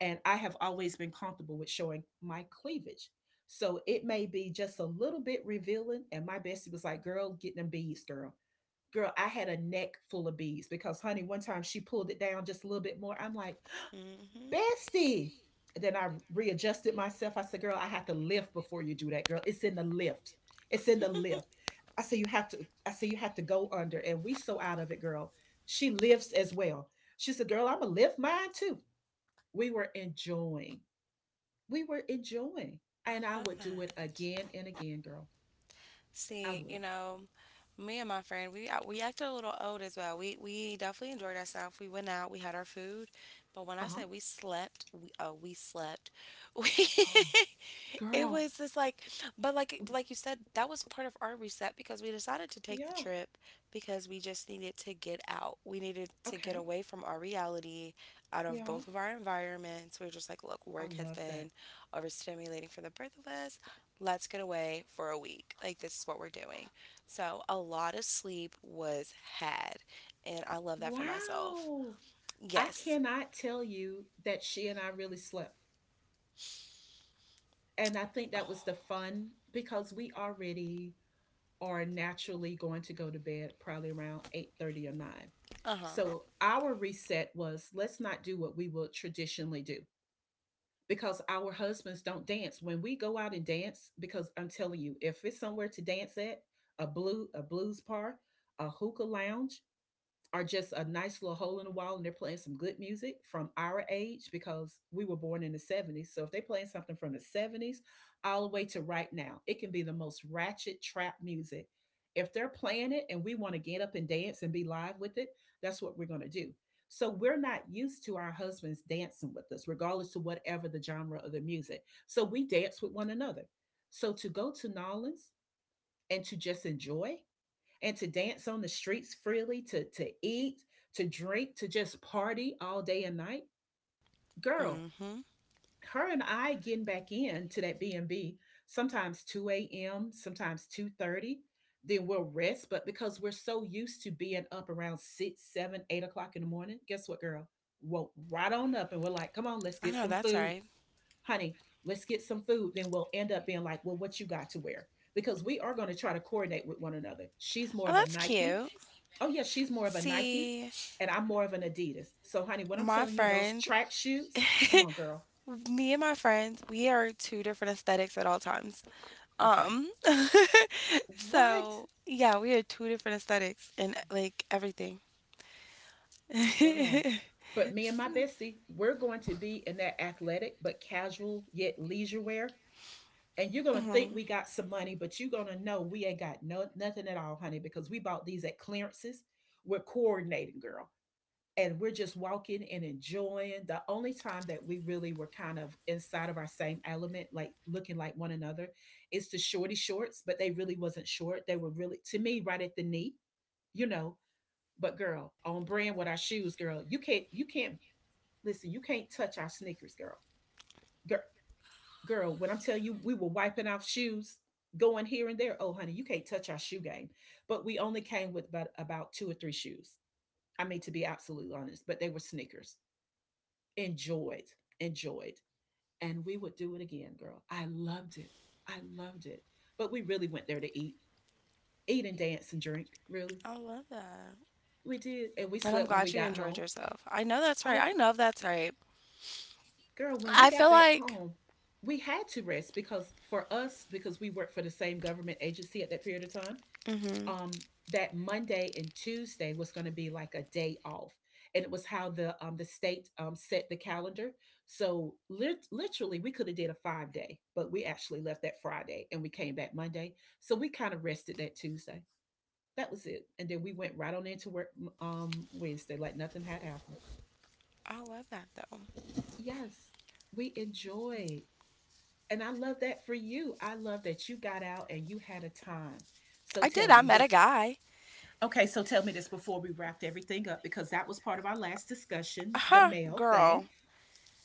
Speaker 1: and I have always been comfortable with showing my cleavage. So it may be just a little bit revealing. And my bestie was like, "Girl, get them beads, girl." Girl, I had a neck full of beads because, honey, one time she pulled it down just a little bit more. I'm like,
Speaker 2: hmm
Speaker 1: bestie. Then I readjusted myself. I said, girl, I have to lift before you do that, girl. It's in the lift. It's in the lift. I said, you have to, I said, you have to go under. And we so out of it, girl. She lifts as well. She said, girl, I'm going to lift mine too. We were enjoying. We were enjoying.
Speaker 2: I
Speaker 1: And I
Speaker 2: love
Speaker 1: would do
Speaker 2: that.
Speaker 1: it again and again, girl. I
Speaker 2: See, you
Speaker 1: will.
Speaker 2: know, me and my friend, we out- we acted a little old as well. We we definitely enjoyed ourselves. We went out, we had our food, but when
Speaker 1: Uh
Speaker 2: I
Speaker 1: huh.
Speaker 2: say we slept, we oh we slept. We
Speaker 1: Oh,
Speaker 2: It
Speaker 1: girl.
Speaker 2: was just like, but like like you said, that was part of our reset because we decided to take the
Speaker 1: Yeah.
Speaker 2: trip because we just needed to get out. We needed to get
Speaker 1: Okay.
Speaker 2: away from our reality, out of
Speaker 1: Yeah.
Speaker 2: both of our environments. We are just like, look,
Speaker 1: I
Speaker 2: work has
Speaker 1: love that.
Speaker 2: been overstimulating for the both of us. Let's get away for a week. Like this is what we're doing. So a lot of sleep was had, and I love that for myself.
Speaker 1: Wow. I
Speaker 2: Yes.
Speaker 1: cannot tell you that she and I really slept. And I think that was the fun because we already are naturally going to go to bed probably around eight thirty or nine.
Speaker 2: Uh huh.
Speaker 1: So our reset was let's not do what we would traditionally do because our husbands don't dance. When we go out and dance, because I'm telling you, if it's somewhere to dance at, a blue a blues bar, a hookah lounge, are just a nice little hole in the wall and they're playing some good music from our age because we were born in the seventies. So if they're playing something from the seventies all the way to right now, it can be the most ratchet trap music. If they're playing it and we want to get up and dance and be live with it, that's what we're going to do. So we're not used to our husbands dancing with us, regardless to whatever the genre of the music. So we dance with one another. So to go to Nolans and to just enjoy and to dance on the streets freely, to to eat, to drink, to just party all day and night. Girl,
Speaker 2: Mhm.
Speaker 1: her and I getting back in to that B and B sometimes two a m, sometimes two thirty. Then we'll rest, but because we're so used to being up around six, seven, eight o'clock in the morning, guess what, girl? Woke right on up, and we're like, "Come on, let's
Speaker 2: I
Speaker 1: get
Speaker 2: know
Speaker 1: some
Speaker 2: that's
Speaker 1: food,
Speaker 2: right.
Speaker 1: honey. Let's get some food." Then we'll end up being like, "Well, what you got to wear?" Because we are going to try to coordinate with one another. She's more
Speaker 2: Oh,
Speaker 1: of a
Speaker 2: that's
Speaker 1: Nike,
Speaker 2: cute.
Speaker 1: oh yeah, she's more of a Nike
Speaker 2: See,
Speaker 1: and I'm more of an Adidas. So honey, what I'm
Speaker 2: my
Speaker 1: telling you, those
Speaker 2: friend,
Speaker 1: track shoes, come on, girl.
Speaker 2: me and my friends, we are two different aesthetics at all times.
Speaker 1: Okay.
Speaker 2: Um,
Speaker 1: What?
Speaker 2: so yeah, we are two different aesthetics in like everything.
Speaker 1: Girl.
Speaker 2: hmm
Speaker 1: But me and my bestie, we're going to be in that athletic but casual yet leisure wear. And you're gonna think we got some money, but you're gonna know we ain't got no nothing at all, honey, because we bought these at clearances. We're coordinating, girl. And we're just walking and enjoying. The only time that we really were kind of inside of our same element, like looking like one another, is the shorty shorts, but they really wasn't short. They were really, to me, right at the knee, you know but girl, on brand with our shoes, girl. You can't you can't listen, you can't touch our sneakers, girl. Girl, girl, when I'm telling you, we were wiping off shoes, going here and there. Oh honey, you can't touch our shoe game. But we only came with about, about two or three shoes, I mean, to be absolutely honest. But they were sneakers. enjoyed, Enjoyed. And we would do it again, girl. I loved it. I loved it. But we really went there to eat, eat and dance and drink, really.
Speaker 2: I love that.
Speaker 1: We did. And we
Speaker 2: And I'm
Speaker 1: slept when we
Speaker 2: glad you
Speaker 1: got
Speaker 2: enjoyed
Speaker 1: home.
Speaker 2: yourself. I know that's right.
Speaker 1: Oh,
Speaker 2: I
Speaker 1: g-
Speaker 2: know that's right.
Speaker 1: girl, when we
Speaker 2: I feel
Speaker 1: got back
Speaker 2: like,
Speaker 1: home, we had to rest because, for us, because we worked for the same government agency at that period of time,
Speaker 2: hmm
Speaker 1: um, that Monday and Tuesday was going to be like a day off, and it was how the um, the state um, set the calendar. So lit- literally, we could have did a five day, but we actually left that Friday and we came back Monday. So we kind of rested that Tuesday. That was it, and then we went right on into work um, Wednesday like nothing had happened.
Speaker 2: I love that though.
Speaker 1: Yes, we enjoyed, and I love that for you. I love that you got out and you had a time. So
Speaker 2: I
Speaker 1: tell
Speaker 2: did. I
Speaker 1: me
Speaker 2: met a
Speaker 1: before.
Speaker 2: guy.
Speaker 1: Okay, so tell me this before we wrapped everything up, because that was part of our last
Speaker 2: Uh
Speaker 1: discussion, the
Speaker 2: huh,
Speaker 1: mail thing.
Speaker 2: girl.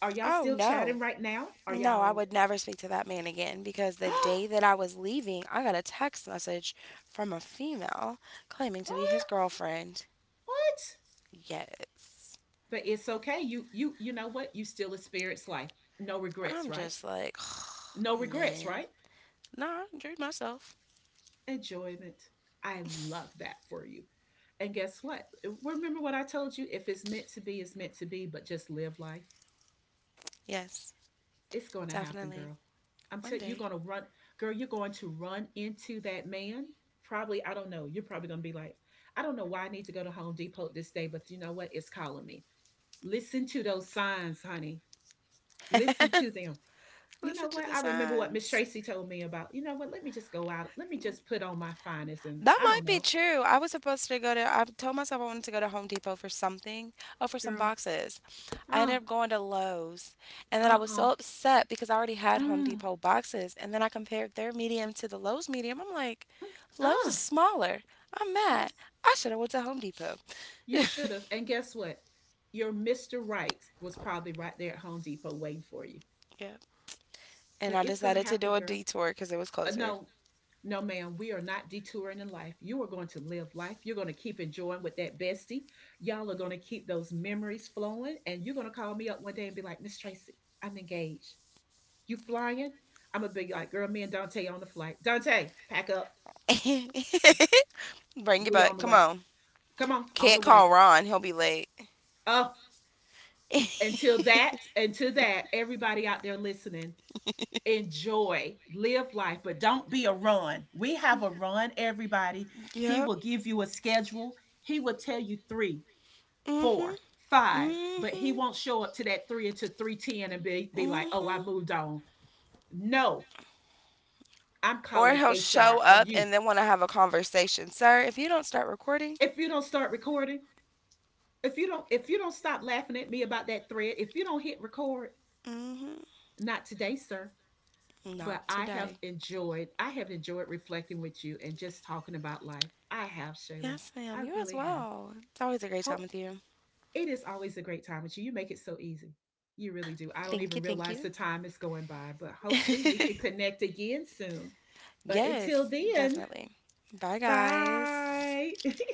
Speaker 1: Are y'all
Speaker 2: Oh
Speaker 1: still
Speaker 2: no.
Speaker 1: chatting right now? Are
Speaker 2: No, I
Speaker 1: y'all —
Speaker 2: would never speak to that man again because the
Speaker 1: what?
Speaker 2: day that I was leaving, I got a text message from a female claiming to be his girlfriend.
Speaker 1: What?
Speaker 2: Yes.
Speaker 1: But it's okay. You you you know what? You still a spirit's life. No
Speaker 2: I'm
Speaker 1: regrets, right?
Speaker 2: just like,
Speaker 1: No regrets,
Speaker 2: man.
Speaker 1: right?
Speaker 2: Nah, I enjoyed myself.
Speaker 1: Enjoyment. I love that for you. And guess what? Remember what I told you? If it's meant to be, it's meant to be, but just live life.
Speaker 2: Yes,
Speaker 1: It's going to happen,
Speaker 2: definitely.
Speaker 1: girl. I'm
Speaker 2: One
Speaker 1: telling you, you're
Speaker 2: day.
Speaker 1: going to run, girl, you're going to run into that man. Probably, I don't know. You're probably going to be like, I don't know why I need to go to Home Depot this day, but you know what? It's calling me. Listen to those signs, honey. Listen to them. You know
Speaker 2: Listen to
Speaker 1: what?
Speaker 2: the
Speaker 1: I remember what Miss
Speaker 2: signs.
Speaker 1: Tracy told me about. You know what? Let me just go out. Let me just put on my finest, and
Speaker 2: That
Speaker 1: I don't
Speaker 2: might be
Speaker 1: know,
Speaker 2: true. I was supposed to go to, I told myself I wanted to go to Home Depot for something. Oh, for some
Speaker 1: girl.
Speaker 2: boxes. I ended
Speaker 1: Uh,
Speaker 2: up going to Lowe's. And then I
Speaker 1: uh,
Speaker 2: was
Speaker 1: uh,
Speaker 2: so upset because I already
Speaker 1: mm,
Speaker 2: had Home
Speaker 1: mm,
Speaker 2: Depot boxes. And then I compared their medium to the Lowe's medium. I'm like, Lowe's
Speaker 1: uh,
Speaker 2: is smaller. I'm mad.
Speaker 1: yes.
Speaker 2: I should have went to Home Depot.
Speaker 1: You should have, and guess what? Your mister Right was probably right there at Home Depot waiting for you.
Speaker 2: Yep. And
Speaker 1: But
Speaker 2: I
Speaker 1: it's gonna
Speaker 2: decided to do
Speaker 1: happen,
Speaker 2: a
Speaker 1: girl.
Speaker 2: detour because it was
Speaker 1: Uh,
Speaker 2: closer.
Speaker 1: no, no, ma'am, we are not detouring in life. You are going to live life. You're going to keep enjoying with that bestie. Y'all are going to keep those memories flowing. And you're going to call me up one day and be like, Miss Tracy, I'm engaged. You flying? I'm going to be like, girl, me and Dante on the flight. Dante, pack up.
Speaker 2: Bring it
Speaker 1: We on
Speaker 2: back.
Speaker 1: the
Speaker 2: Come
Speaker 1: way.
Speaker 2: on.
Speaker 1: Come on, on
Speaker 2: Can't
Speaker 1: the
Speaker 2: call
Speaker 1: way.
Speaker 2: Ron. He'll be late.
Speaker 1: Oh, until that, until that, everybody out there listening, enjoy, live life, but don't be a run. We have a run, everybody. He
Speaker 2: Yep.
Speaker 1: will give you a schedule. He will tell you three,
Speaker 2: hmm
Speaker 1: four, five, but he
Speaker 2: hmm
Speaker 1: won't show up to that three until three ten and be, be like, oh, I
Speaker 2: hmm
Speaker 1: moved on. No, I'm
Speaker 2: Or
Speaker 1: calling
Speaker 2: he'll show
Speaker 1: H R on
Speaker 2: up
Speaker 1: you.
Speaker 2: and then want to have a conversation. Sir, if you don't start recording,
Speaker 1: If you don't start recording, if you don't, if you don't stop laughing at me about that thread, if you don't hit record,
Speaker 2: hmm
Speaker 1: not today, sir.
Speaker 2: not
Speaker 1: But I have
Speaker 2: today.
Speaker 1: enjoyed I have enjoyed reflecting with you and just talking about life. I have, Shayla.
Speaker 2: Yes, ma'am.
Speaker 1: I
Speaker 2: You as
Speaker 1: really have.
Speaker 2: well. It's always a great time
Speaker 1: Hope
Speaker 2: with you.
Speaker 1: it is always a great time with you. You make it so easy. You really do. I don't
Speaker 2: Thank
Speaker 1: even
Speaker 2: you. Thank
Speaker 1: realize
Speaker 2: you.
Speaker 1: the time is going by, but hopefully we can connect again soon. But until
Speaker 2: Yes,
Speaker 1: then,
Speaker 2: definitely. Bye, guys.
Speaker 1: bye.